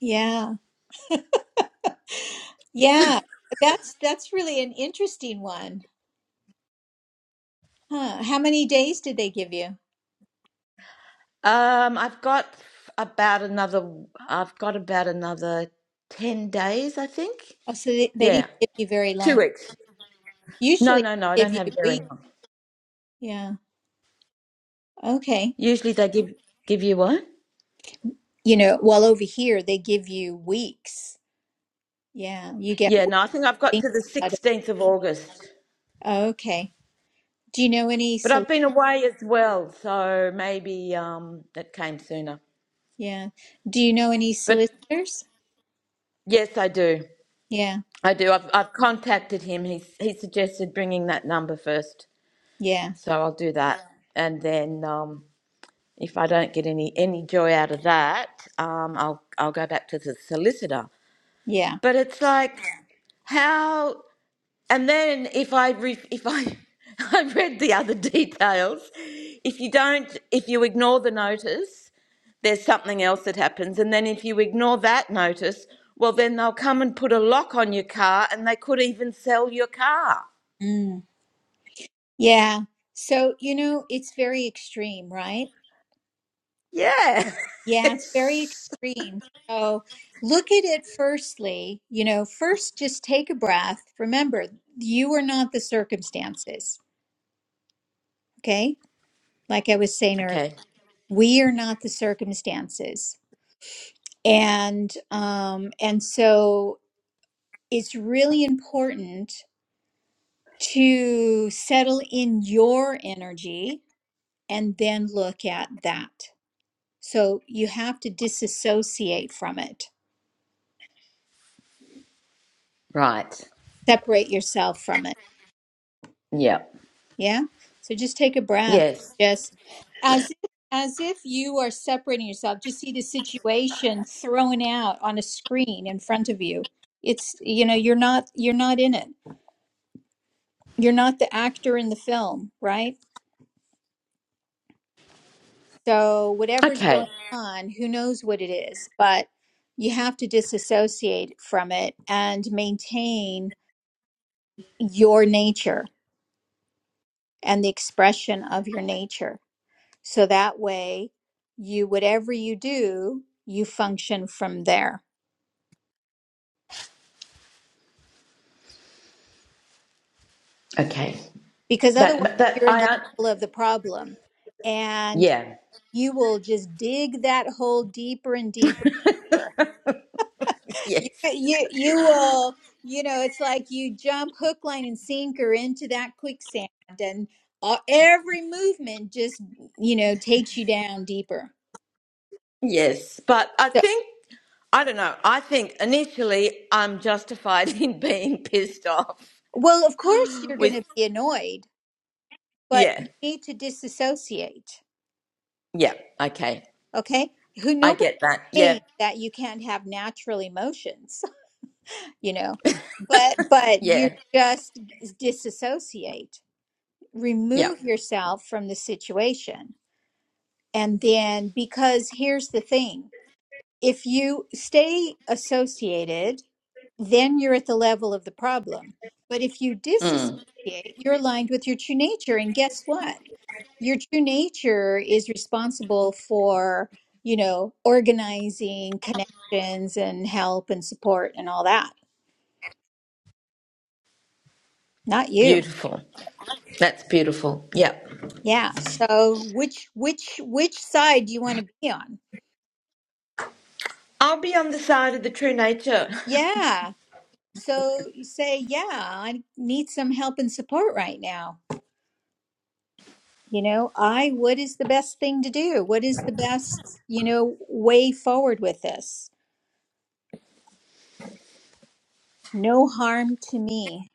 [SPEAKER 1] Yeah. Yeah. That's that's really an interesting one. Huh. How many days did they give you?
[SPEAKER 6] Um, I've got about another, I've got about another 10 days, I think.
[SPEAKER 1] Oh, so they, they didn't
[SPEAKER 6] Yeah.
[SPEAKER 1] give you very long.
[SPEAKER 6] Two weeks. No,
[SPEAKER 1] Usually
[SPEAKER 6] no, no, I
[SPEAKER 1] they give
[SPEAKER 6] don't
[SPEAKER 1] you
[SPEAKER 6] have
[SPEAKER 1] weeks.
[SPEAKER 6] dairy.
[SPEAKER 1] Yeah. Okay.
[SPEAKER 6] Usually they give give you what?
[SPEAKER 1] You know, well, over here they give you weeks. Yeah. You get
[SPEAKER 6] Yeah,
[SPEAKER 1] weeks.
[SPEAKER 6] no, I think I've
[SPEAKER 1] to
[SPEAKER 6] got
[SPEAKER 1] Think
[SPEAKER 6] to the
[SPEAKER 1] about it.
[SPEAKER 6] 16th of August.
[SPEAKER 1] Okay. Do you know any?
[SPEAKER 6] But
[SPEAKER 1] sol-
[SPEAKER 6] I've been away as well, so maybe um it came sooner.
[SPEAKER 1] Yeah. Do you know any
[SPEAKER 6] But
[SPEAKER 1] solicitors?
[SPEAKER 6] yes, I do.
[SPEAKER 1] Yeah.
[SPEAKER 6] I do. I've I've contacted him. He he suggested bringing that number first,
[SPEAKER 1] Yeah.
[SPEAKER 6] so I'll do that. And then um if I don't get any any joy out of that, um I'll I'll go back to the solicitor.
[SPEAKER 1] Yeah.
[SPEAKER 6] But it's like how And then if I re- if I I read the other details, if you don't if you ignore the notice, there's something else that happens. And then if you ignore that notice, well then they'll come and put a lock on your car and they could even sell your car.
[SPEAKER 1] Mm. Yeah. So, you know, it's very extreme, right?
[SPEAKER 6] Yeah.
[SPEAKER 1] Yeah, it's very extreme. So look at it firstly, you know, first just take a breath. Remember, you are not the circumstances. Okay. like I was saying earlier,
[SPEAKER 6] okay.
[SPEAKER 1] we are not the circumstances. And um, and so it's really important to settle in your energy and then look at that. So you have to disassociate from it,
[SPEAKER 6] Right.
[SPEAKER 1] separate yourself from it
[SPEAKER 6] Yeah.
[SPEAKER 1] Yeah. So just take a breath.
[SPEAKER 6] Yes.
[SPEAKER 1] Just as if, as if you are separating yourself. Just see the situation thrown out on a screen in front of you. It's you know you're not you're not in it. You're not the actor in the film, right? So whatever's
[SPEAKER 6] Okay.
[SPEAKER 1] going on, who knows what it is, but you have to disassociate from it and maintain your nature and the expression of your nature So that way, you, whatever you do, you function from there.
[SPEAKER 6] Okay.
[SPEAKER 1] Because otherwise,
[SPEAKER 6] That
[SPEAKER 1] you're
[SPEAKER 6] that
[SPEAKER 1] in the
[SPEAKER 6] I un-
[SPEAKER 1] level of the problem and
[SPEAKER 6] yeah.
[SPEAKER 1] you will just dig that hole deeper and deeper. and
[SPEAKER 6] Yes.
[SPEAKER 1] deeper. You, you, you will, you know, it's like you jump hook, line, and sinker into that quicksand, and all, every movement just, you know, takes you down deeper.
[SPEAKER 6] Yes, but I
[SPEAKER 1] So,
[SPEAKER 6] think, I don't know, I think initially I'm justified in being pissed off
[SPEAKER 1] well, of course, you're going
[SPEAKER 6] with,
[SPEAKER 1] to be annoyed, but
[SPEAKER 6] yeah,
[SPEAKER 1] you need to disassociate
[SPEAKER 6] yeah, okay.
[SPEAKER 1] Okay. Who
[SPEAKER 6] I
[SPEAKER 1] nobody
[SPEAKER 6] get that. Yeah,
[SPEAKER 1] saying that you can't have natural emotions, you know, but but you
[SPEAKER 6] yeah,
[SPEAKER 1] just disassociate,
[SPEAKER 6] yeah.
[SPEAKER 1] remove yourself from the situation. And then because here's the thing, if you stay associated, then you're at the level of the problem. But if you disassociate,
[SPEAKER 6] Mm,
[SPEAKER 1] you're aligned with your true nature. And guess what? your true nature is responsible for you know organizing connections and help and support and all that not you
[SPEAKER 6] beautiful. That's beautiful. Yeah.
[SPEAKER 1] yeah so which which which side do you want to be on
[SPEAKER 6] I'll be on the side of the true nature.
[SPEAKER 1] yeah so you say yeah i need some help and support right now you know i what is the best thing to do what is the best you know way forward with this no harm to me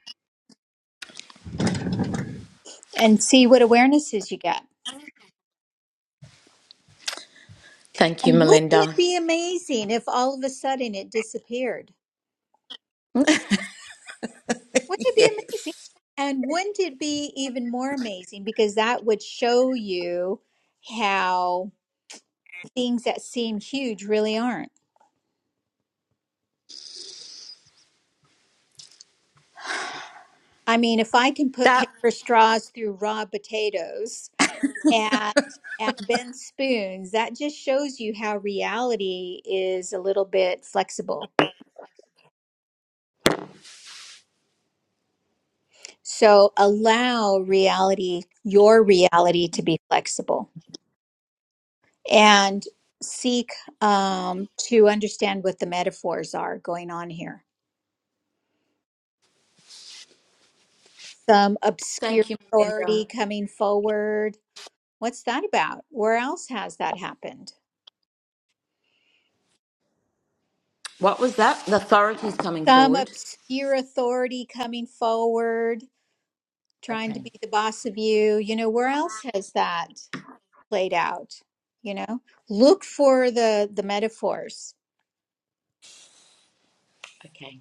[SPEAKER 1] and see what awarenesses you get
[SPEAKER 6] Thank you,
[SPEAKER 1] And wouldn't
[SPEAKER 6] Melinda.
[SPEAKER 1] it be amazing if all of a sudden it disappeared? Wouldn't it be
[SPEAKER 6] Yes.
[SPEAKER 1] amazing? And wouldn't it be even more amazing because that would show you how things that seem huge really aren't. I mean, if I can put
[SPEAKER 6] That,
[SPEAKER 1] paper straws through raw potatoes and and bend spoons, that just shows you how reality is a little bit flexible. So allow reality, your reality to be flexible. and seek um, to understand what the metaphors are going on here. Some obscure
[SPEAKER 6] thank you, Melinda.
[SPEAKER 1] authority coming forward. What's that about? Where else has that happened?
[SPEAKER 6] What was that? The authorities coming
[SPEAKER 1] Some
[SPEAKER 6] forward.
[SPEAKER 1] obscure authority coming forward, trying to
[SPEAKER 6] Okay,
[SPEAKER 1] be the boss of you. You know, where else has that played out? You know, look for the the metaphors.
[SPEAKER 6] okay.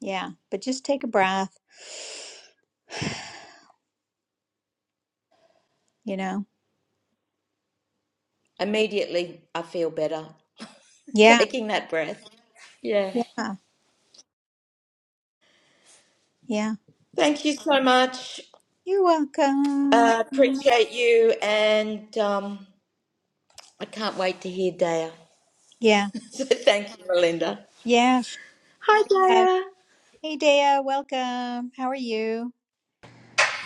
[SPEAKER 1] Yeah, but just take a breath. You know,
[SPEAKER 6] Immediately, I feel better
[SPEAKER 1] yeah,
[SPEAKER 6] taking that breath. Yeah.
[SPEAKER 1] yeah, yeah.
[SPEAKER 6] Thank you so much.
[SPEAKER 1] You're welcome.
[SPEAKER 6] Uh, appreciate you, and um, I can't wait to hear Daya.
[SPEAKER 1] Yeah,
[SPEAKER 6] So thank you, Melinda.
[SPEAKER 1] yeah. sh-
[SPEAKER 6] Hi,
[SPEAKER 1] Uh,
[SPEAKER 6] Daya.
[SPEAKER 1] hey, Dea, welcome. How are you?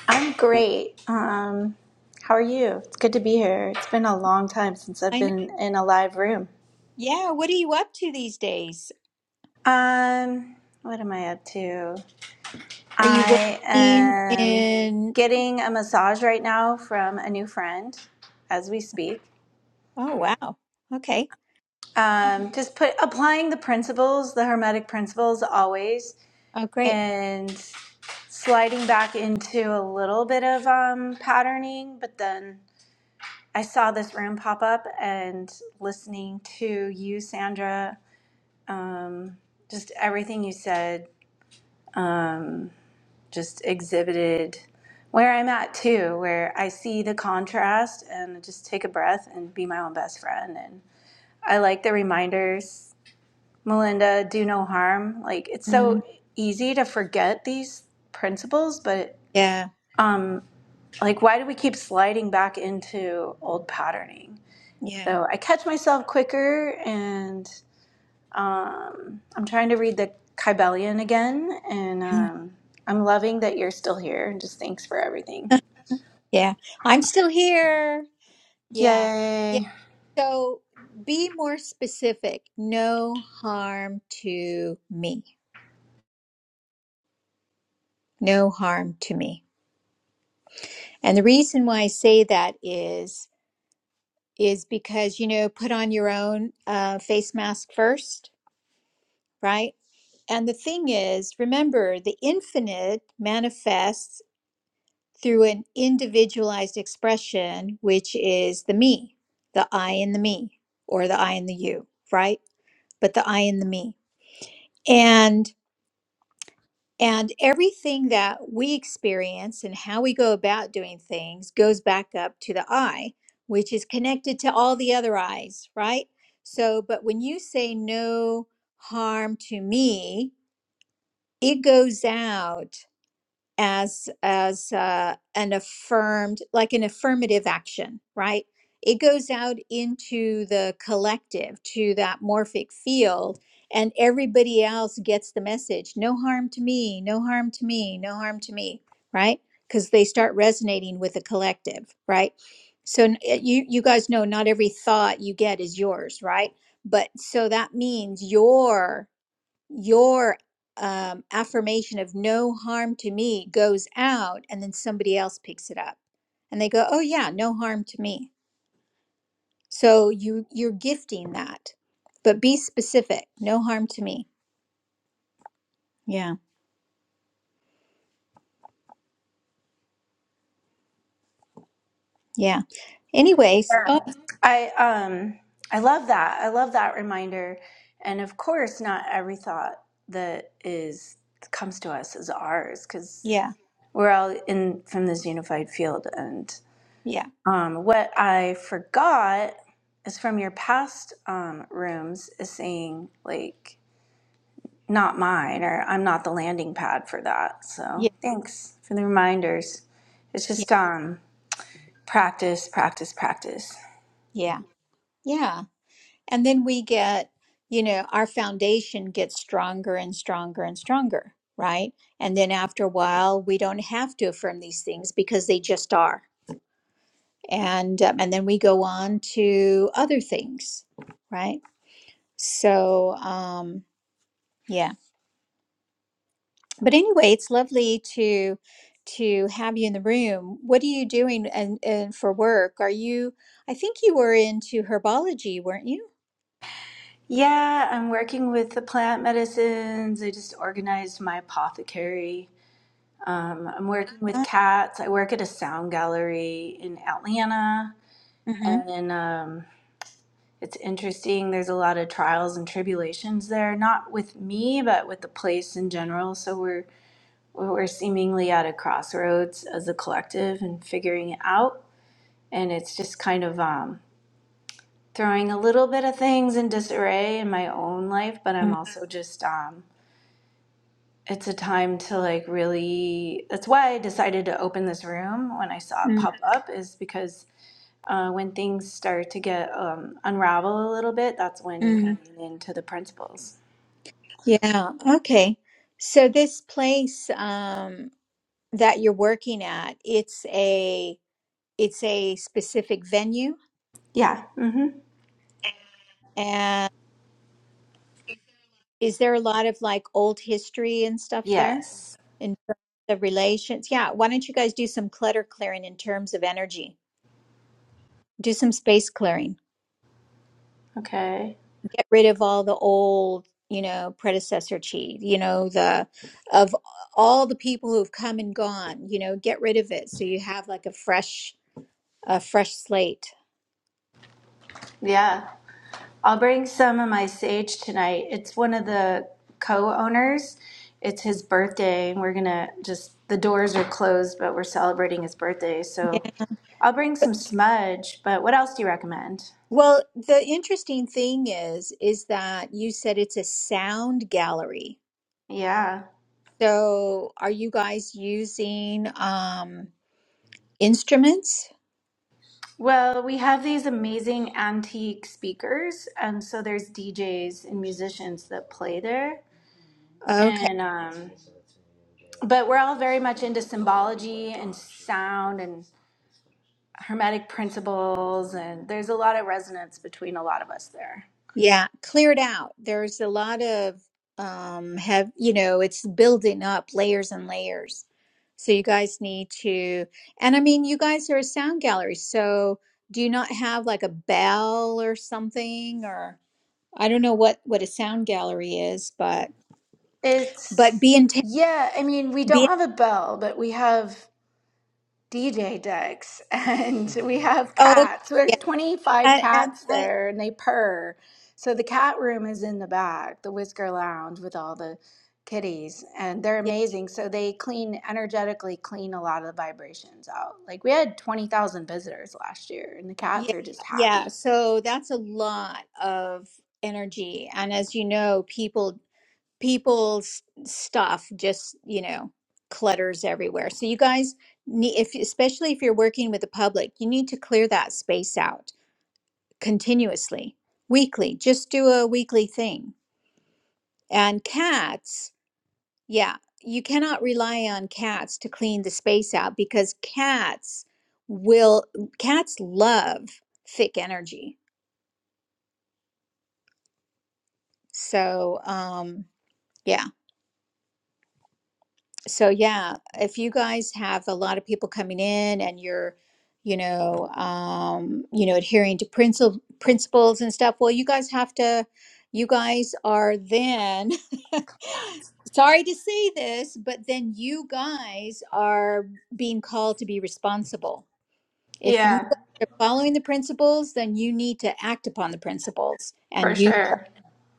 [SPEAKER 7] I'm great. Um, how are you? It's good to be here. It's been a long time since I've
[SPEAKER 1] I know.
[SPEAKER 7] been in a live room.
[SPEAKER 1] Yeah, what are you up to these days?
[SPEAKER 7] Um, what am I up to?
[SPEAKER 1] Are you
[SPEAKER 7] I
[SPEAKER 1] working
[SPEAKER 7] am
[SPEAKER 1] in?
[SPEAKER 7] getting a massage right now from a new friend as we speak.
[SPEAKER 1] Oh, wow. Okay.
[SPEAKER 7] Um, just put applying the principles, the hermetic principles always,
[SPEAKER 1] Oh, great.
[SPEAKER 7] and sliding back into a little bit of um, patterning, but then I saw this room pop up and listening to you, Sandra, just everything you said just exhibited where I'm at too, where I see the contrast and just take a breath and be my own best friend. And I like the reminders, Melinda, do no harm. Like it's
[SPEAKER 1] Mm,
[SPEAKER 7] so easy to forget these principles, but
[SPEAKER 1] yeah,
[SPEAKER 7] um, like why do we keep sliding back into old patterning?
[SPEAKER 1] yeah,
[SPEAKER 7] Though I catch myself quicker and Um, I'm trying to read the Kybellion again, and
[SPEAKER 1] Mm.
[SPEAKER 7] um, I'm loving that you're still here. And just thanks for everything.
[SPEAKER 1] yeah. I'm still here. Yeah, yeah.
[SPEAKER 7] Yay!
[SPEAKER 1] So be more specific. No harm to me. No harm to me. And the reason why I say that is. is because you know put on your own uh, face mask first right and the thing is remember the infinite manifests through an individualized expression which is the me the i and the me or the i and the you right but the i and the me and. And everything that we experience and how we go about doing things goes back up to the eye, which is connected to all the other eyes, right? So, but when you say no harm to me, it goes out as as uh, an affirmed like an affirmative action right it goes out into the collective to that morphic field and everybody else gets the message no harm to me no harm to me no harm to me right because they start resonating with the collective right so n- eh, you you guys know not every thought you get is yours right but so that means your your um, affirmation of no harm to me goes out and then somebody else picks it up and they go oh yeah no harm to me so you you're gifting that but be specific no harm to me yeah yeah anyways
[SPEAKER 7] Yeah.
[SPEAKER 1] oh
[SPEAKER 7] I um I love that. I love that reminder. And of course, not every thought that is comes to us is ours because
[SPEAKER 1] yeah
[SPEAKER 7] we're all in from this unified field. And
[SPEAKER 1] yeah
[SPEAKER 7] um, what I forgot is from your past um, rooms is saying like not mine, or I'm not the landing pad for that. So
[SPEAKER 1] yeah
[SPEAKER 7] thanks for the reminders. It's
[SPEAKER 1] yeah
[SPEAKER 7] just um, practice, practice, practice.
[SPEAKER 1] yeah yeah and then we get you know our foundation gets stronger and stronger and stronger right and then after a while we don't have to affirm these things because they just are and um, and then we go on to other things right so um yeah but anyway it's lovely to to have you in the room what are you doing and, and for work are you i think you were into herbology weren't you
[SPEAKER 7] Yeah, I'm working with the plant medicines. I just organized my apothecary. Um, I'm working with cats. I work at a sound gallery in Atlanta,
[SPEAKER 1] mm-hmm.
[SPEAKER 7] and um, it's interesting. There's a lot of trials and tribulations there, not with me, but with the place in general. So we're we're seemingly at a crossroads as a collective and figuring it out. And it's just kind of um, throwing a little bit of things in disarray in my own life, but I'm
[SPEAKER 1] Mm,
[SPEAKER 7] also just, um, it's a time to like really. That's why I decided to open this room when I saw it
[SPEAKER 1] mm,
[SPEAKER 7] pop up, is because uh, when things start to get um, unravel a little bit, that's when you can
[SPEAKER 1] Mm-hmm.
[SPEAKER 7] lean into the principles.
[SPEAKER 1] yeah okay so this place um that you're working at it's a it's a specific venue
[SPEAKER 7] Yeah. Mm-hmm.
[SPEAKER 1] Is there a lot of like old history and stuff there
[SPEAKER 7] Yes.
[SPEAKER 1] in terms of relations? Yeah, why don't you guys do some clutter clearing in terms of energy? Do some space clearing.
[SPEAKER 7] Okay.
[SPEAKER 1] Get rid of all the old, you know, predecessor chi, you know, the of all the people who've come and gone, you know, get rid of it so you have like a fresh a fresh slate.
[SPEAKER 7] Yeah. I'll bring some of my sage tonight. It's one of the co-owners. It's his birthday, and we're gonna just the doors are closed, but we're celebrating his birthday.
[SPEAKER 1] Yeah.
[SPEAKER 7] So I'll bring some smudge. But what else do you recommend?
[SPEAKER 1] Well, the interesting thing is, is that you said it's a sound gallery.
[SPEAKER 7] Yeah.
[SPEAKER 1] So are you guys using um instruments?
[SPEAKER 7] Well, we have these amazing antique speakers, and so there's DJs and musicians that play there.
[SPEAKER 1] Okay.
[SPEAKER 7] And um, but we're all very much into symbology and sound, and hermetic principles and there's a lot of resonance between a lot of us there
[SPEAKER 1] Yeah, cleared out. There's a lot of um have you know, it's building up layers and layers. So you guys need to and I mean you guys are a sound gallery, so do you not have like a bell or something or I don't know what what a sound gallery is, but but
[SPEAKER 7] It's,
[SPEAKER 1] be intent
[SPEAKER 7] yeah, I mean, we
[SPEAKER 1] be
[SPEAKER 7] don't
[SPEAKER 1] in-
[SPEAKER 7] have a bell, but we have DJ decks and we have
[SPEAKER 1] oh okay,
[SPEAKER 7] cats. There's
[SPEAKER 1] yeah.
[SPEAKER 7] 25
[SPEAKER 1] And, and,
[SPEAKER 7] cats
[SPEAKER 1] and
[SPEAKER 7] there and they purr. So the cat room is in the back, the Whisker Lounge with all the kitties, and they're
[SPEAKER 1] yeah,
[SPEAKER 7] amazing. So they clean, energetically clean a lot of the vibrations out. Like we had 20,000 visitors last year, and the
[SPEAKER 1] yeah.
[SPEAKER 7] cats are just
[SPEAKER 1] Yeah,
[SPEAKER 7] happy.
[SPEAKER 1] so that's a lot of energy and as you know, people people's stuff just you know clutters everywhere so you guys need if especially if you're working with the public you need to clear that space out continuously weekly just do a weekly thing and cats yeah you cannot rely on cats to clean the space out because cats will cats love thick energy so um yeah, So yeah, if you guys have a lot of people coming in and you're, you know, um, you know, adhering to principles principles and stuff, well, you guys have to, you guys are then, sorry to say this, but then you guys are being called to be responsible. If you
[SPEAKER 7] yeah
[SPEAKER 1] guys are following the principles, then you need to act upon the principles
[SPEAKER 7] for
[SPEAKER 1] and you,
[SPEAKER 7] sure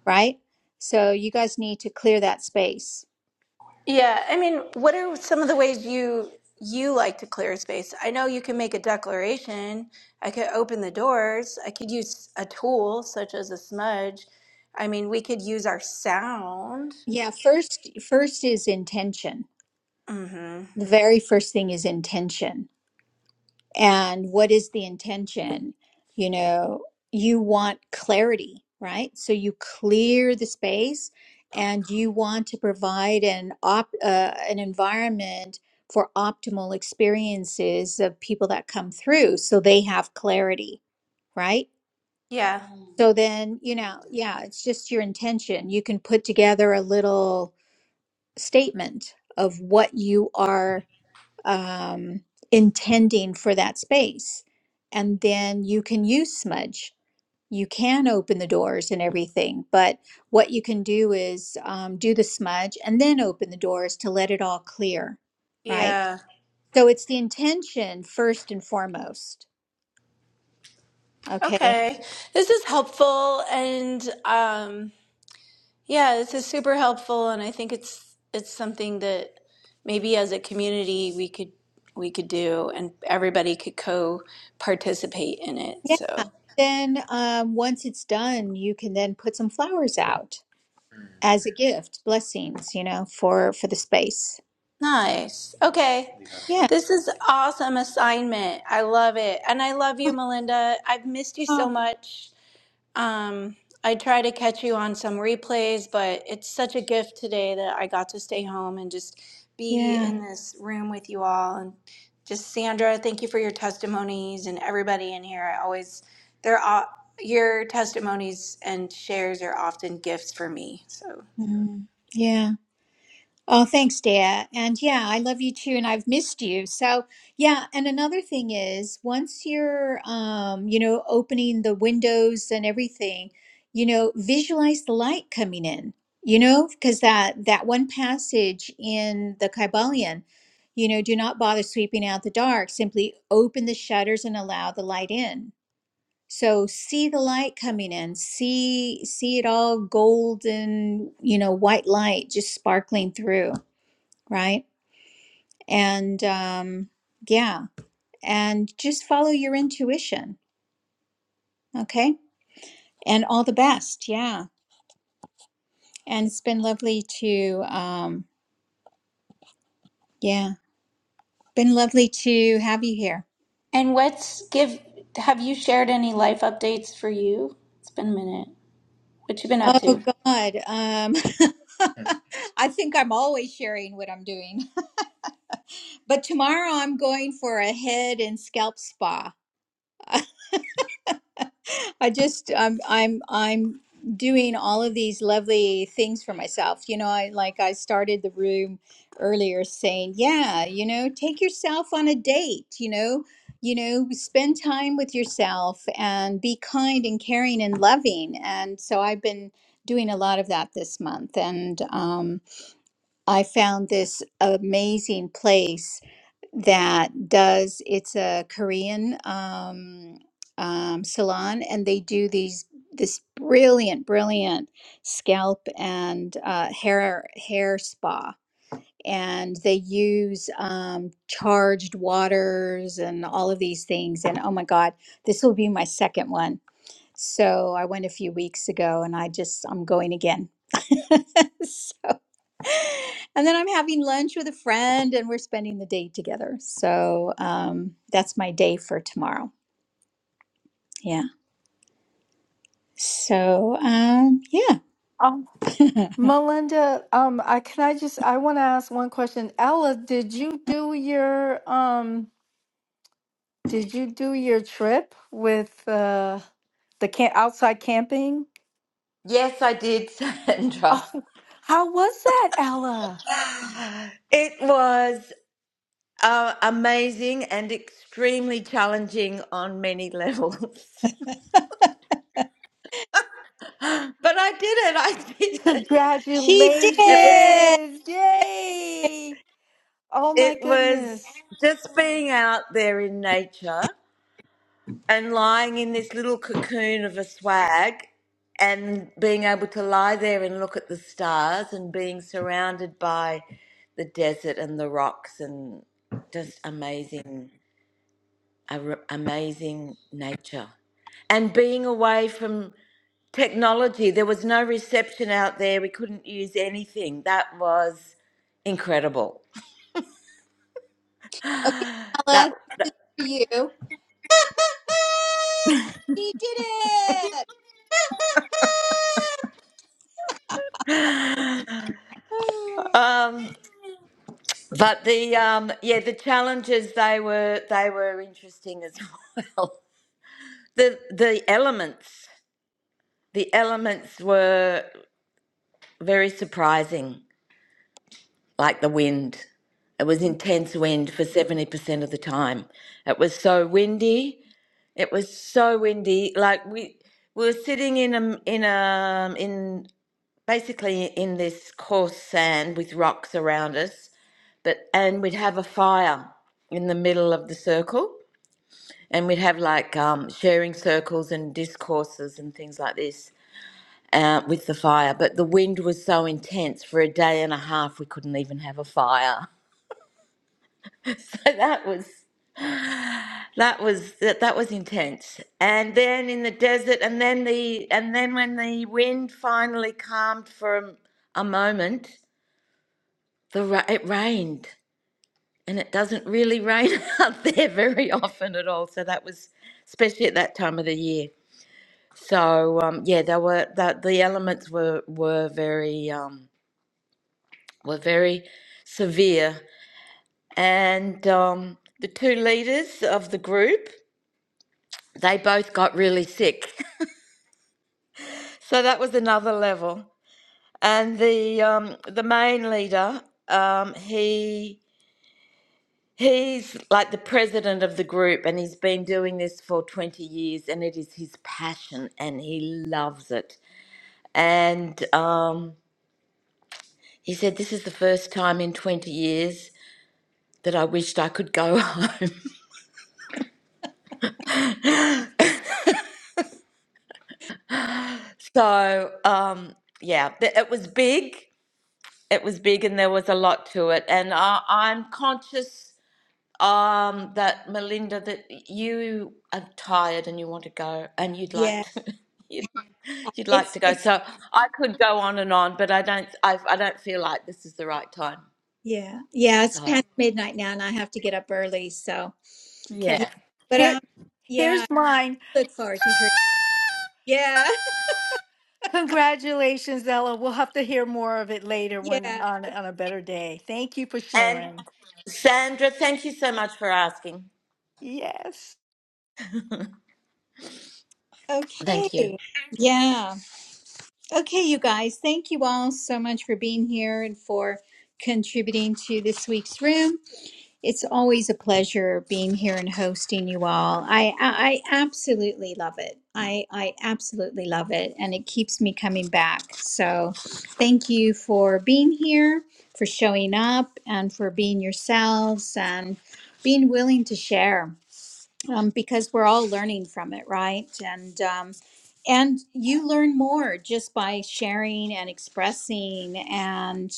[SPEAKER 1] right? So you guys need to clear that space.
[SPEAKER 7] Yeah, I mean, what are some of the ways you you like to clear space? I know you can make a declaration. I could open the doors. I could use a tool such as a smudge. I mean, we could use our sound.
[SPEAKER 1] Yeah, first first is intention.
[SPEAKER 7] Mm-hmm.
[SPEAKER 1] The very first thing is intention. And what is the intention? You know, you want clarity, right? So you clear the space and you want to provide an op uh, an environment for optimal experiences of people that come through so they have clarity, right?
[SPEAKER 7] Yeah.
[SPEAKER 1] So then, you know, yeah, it's just your intention. You can put together a little statement of what you are um, intending for that space. And then you can use smudge. You can open the doors and everything, but what you can do is um, do the smudge and then open the doors to let it all clear, right?
[SPEAKER 7] Yeah.
[SPEAKER 1] So it's the intention first and foremost. Okay.
[SPEAKER 7] Okay. This is helpful and um Yeah, this is super helpful, and I think it's it's something that maybe as a community we could we could do, and everybody could co-participate in it.
[SPEAKER 1] Yeah.
[SPEAKER 7] So
[SPEAKER 1] Then um, once it's done, you can then put some flowers out as a gift, blessings, you know, for for the space.
[SPEAKER 7] nice. Okay,
[SPEAKER 1] Yeah.
[SPEAKER 7] this is awesome assignment. I love it, and I love you, Melinda. I've missed you so
[SPEAKER 1] Oh,
[SPEAKER 7] much. Um, I try to catch you on some replays, but it's such a gift today that I got to stay home and just be
[SPEAKER 1] yeah.
[SPEAKER 7] in this room with you all. And just Sandra, thank you for your testimonies and everybody in here. I always, they're all, your testimonies and shares are often gifts for me. So,
[SPEAKER 1] Mm, yeah. Oh, thanks, Dea. And yeah, I love you too, and I've missed you. So, yeah, and another thing is once you're um, you know, opening the windows and everything, you know, visualize the light coming in. You know, because that that one passage in the Kybalion, you know, do not bother sweeping out the dark, simply open the shutters and allow the light in. So see the light coming in, see see it all golden, you know, white light just sparkling through, right? And um yeah, and just follow your intuition, okay? And all the best. Yeah. And it's been lovely to um yeah, been lovely to have you here.
[SPEAKER 7] and what's give? Have you shared any life updates for you? It's been a minute. What you been up
[SPEAKER 1] Oh
[SPEAKER 7] to?
[SPEAKER 1] God. Um I think I'm always sharing what I'm doing. But tomorrow I'm going for a head and scalp spa. I just I'm I'm I'm doing all of these lovely things for myself. You know, I like I started the room earlier saying, yeah, you know, take yourself on a date, you know, you know, spend time with yourself and be kind and caring and loving. And so I've been doing a lot of that this month and um I found this amazing place that does it's a Korean um, um, salon, and they do these this brilliant, brilliant scalp and uh, hair hair spa, and they use um, charged waters and all of these things. And oh my God, this will be my second one. So I went a few weeks ago, and I just I'm going again. And then I'm having lunch with a friend and we're spending the day together. So um, that's my day for tomorrow. Yeah. So um, yeah,
[SPEAKER 4] Oh. Melinda, um, I can I just I want to ask one question. Ella, did you do your um did you do your trip with uh the camp outside camping?
[SPEAKER 6] Yes, I did, Sandra.
[SPEAKER 4] Oh, how was that, Ella?
[SPEAKER 6] It was uh, amazing and extremely challenging on many levels, but I did it. I did it.
[SPEAKER 1] she
[SPEAKER 4] Congratulations.
[SPEAKER 6] It was
[SPEAKER 1] did.
[SPEAKER 4] Yay. Oh my
[SPEAKER 6] it was
[SPEAKER 4] goodness.
[SPEAKER 6] just being out there in nature and lying in this little cocoon of a swag and being able to lie there and look at the stars and being surrounded by the desert and the rocks and just amazing ar- amazing nature and being away from technology there was no reception out there we couldn't use anything that was incredible
[SPEAKER 1] Okay,
[SPEAKER 6] that
[SPEAKER 1] Ella, this is for you. she did it.
[SPEAKER 6] um But the um yeah, the challenges they were they were interesting as well. The the elements the elements were very surprising, like the wind. It was intense wind for seventy percent of the time. It was so windy. It was so windy. Like we we were sitting in a in a um, in basically in this coarse sand with rocks around us, but and we'd have a fire in the middle of the circle and we'd have like um, sharing circles and discourses and things like this uh, with the fire. But the wind was so intense for a day and a half, we couldn't even have a fire. So that was that was that, that was intense. And then in the desert, and then the and then when the wind finally calmed for a, a moment, the ra- it rained. And it doesn't really rain out there very often at all. So that was, especially at that time of the year. So um, yeah, they were that the elements were were very um, were very severe, and um, the two leaders of the group they both got really sick. So that was another level. And the um, the main leader, um, he he's like the president of the group, and he's been doing this for twenty years, and it is his passion, and he loves it. And um, He said, This is the first time in 20 years that I wished I could go home. So, um, yeah, th- it was big. It was big and there was a lot to it. And I, I'm conscious um, that, Melinda, that you are tired and you want to go and you'd like
[SPEAKER 1] yeah,
[SPEAKER 6] to. You'd, you'd like
[SPEAKER 1] it's
[SPEAKER 6] to go,
[SPEAKER 1] it's
[SPEAKER 6] so I could go on and on, but I don't. I, I don't feel like this is the right time.
[SPEAKER 1] yeah yeah it's
[SPEAKER 6] So
[SPEAKER 1] past midnight now and I have to get up early. So yeah,
[SPEAKER 4] Okay.
[SPEAKER 6] yeah.
[SPEAKER 1] but
[SPEAKER 4] Here
[SPEAKER 1] um yeah,
[SPEAKER 4] here's mine.
[SPEAKER 1] I look forward to hearing. Yeah,
[SPEAKER 4] Congratulations, Ella. We'll have to hear more of it later when
[SPEAKER 1] yeah.
[SPEAKER 4] on on a better day. Thank you for
[SPEAKER 6] And
[SPEAKER 4] sharing.
[SPEAKER 6] Sandra, thank you so much for asking.
[SPEAKER 4] Yes.
[SPEAKER 6] Thank you.
[SPEAKER 1] Okay. Yeah. Okay, you guys. Thank you all so much for being here and for contributing to this week's room. It's always a pleasure being here and hosting you all. I I, I absolutely love it. I I absolutely love it and it keeps me coming back. So, thank you for being here, for showing up and for being yourselves and being willing to share um, because we're all learning from it, right? And um, and you learn more just by sharing and expressing, and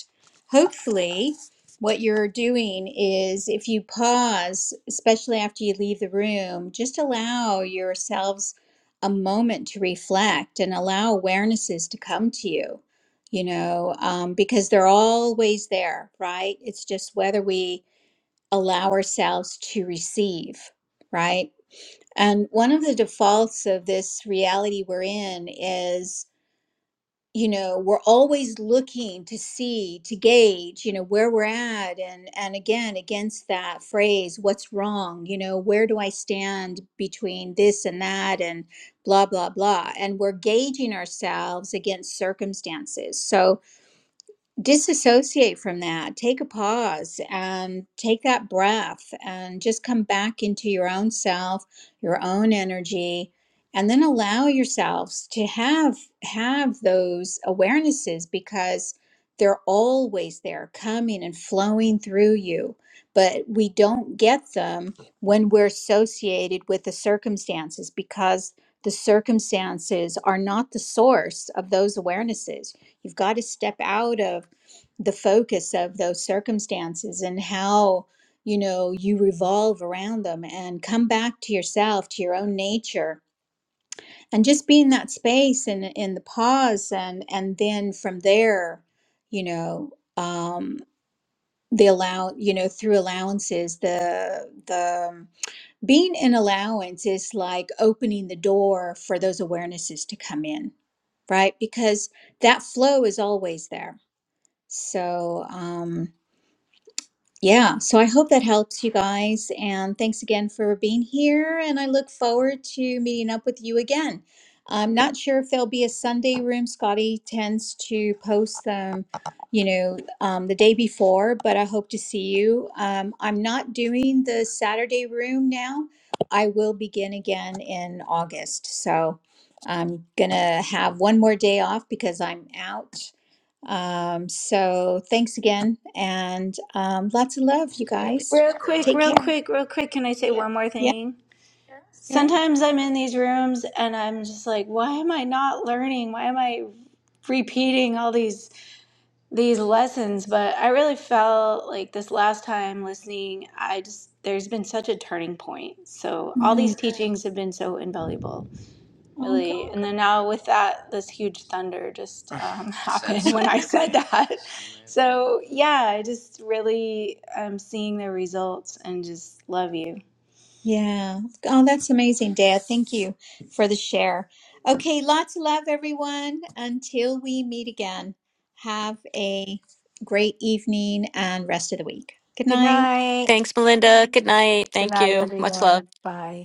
[SPEAKER 1] hopefully, what you're doing is if you pause, especially after you leave the room, just allow yourselves a moment to reflect and allow awarenesses to come to you. You know, um, because they're always there, right? It's just whether we allow ourselves to receive right? And one of the defaults of this reality we're in is, you know, we're always looking to see, to gauge, you know, where we're at. And and again, against that phrase, what's wrong? You know, where do I stand between this and that and blah, blah, blah. And we're gauging ourselves against circumstances. So disassociate from that take a pause and take that breath and just come back into your own self your own energy and then allow yourselves to have have those awarenesses because they're always there coming and flowing through you but we don't get them when we're associated with the circumstances because the circumstances are not the source of those awarenesses you've got to step out of the focus of those circumstances and how you know you revolve around them and come back to yourself to your own nature and just be in that space and in the pause and and then from there you know um the allow you know through allowances the the um, being in allowance is like opening the door for those awarenesses to come in right because that flow is always there so um Yeah, so I hope that helps you guys. And thanks again for being here. And I look forward to meeting up with you again. I'm not sure if there'll be a Sunday room. Scotty tends to post them, you know, um, the day before, but I hope to see you. Um, I'm not doing the Saturday room now. I will begin again in August. So I'm going to have one more day off because I'm out um, so thanks again and um, lots of love, you
[SPEAKER 7] Yeah,
[SPEAKER 1] guys.
[SPEAKER 7] Real quick,
[SPEAKER 1] Take
[SPEAKER 7] real
[SPEAKER 1] care.
[SPEAKER 7] quick, real quick. Can I say one more
[SPEAKER 1] Yeah,
[SPEAKER 7] thing?
[SPEAKER 1] sure.
[SPEAKER 7] sometimes I'm in these rooms and I'm just like, why am I not learning? Why am I repeating all these these lessons? But I really felt like this last time listening, I just there's been such a turning point. So all
[SPEAKER 1] Mm.
[SPEAKER 7] these teachings have been so invaluable,
[SPEAKER 1] Oh, great.
[SPEAKER 7] really. And then now with that, this huge thunder just um, happened when I said that. So yeah, I just really am seeing the results and just love you.
[SPEAKER 1] Yeah. Oh, that's amazing, Dea. Thank you for the share. Okay, lots of love, everyone. Until we meet again, have a great evening and rest of the week. Good
[SPEAKER 4] Good
[SPEAKER 1] night.
[SPEAKER 4] night.
[SPEAKER 5] Thanks, Melinda. Good night.
[SPEAKER 4] Good
[SPEAKER 5] Thank
[SPEAKER 4] night,
[SPEAKER 5] you. Much love.
[SPEAKER 4] everyone. Bye.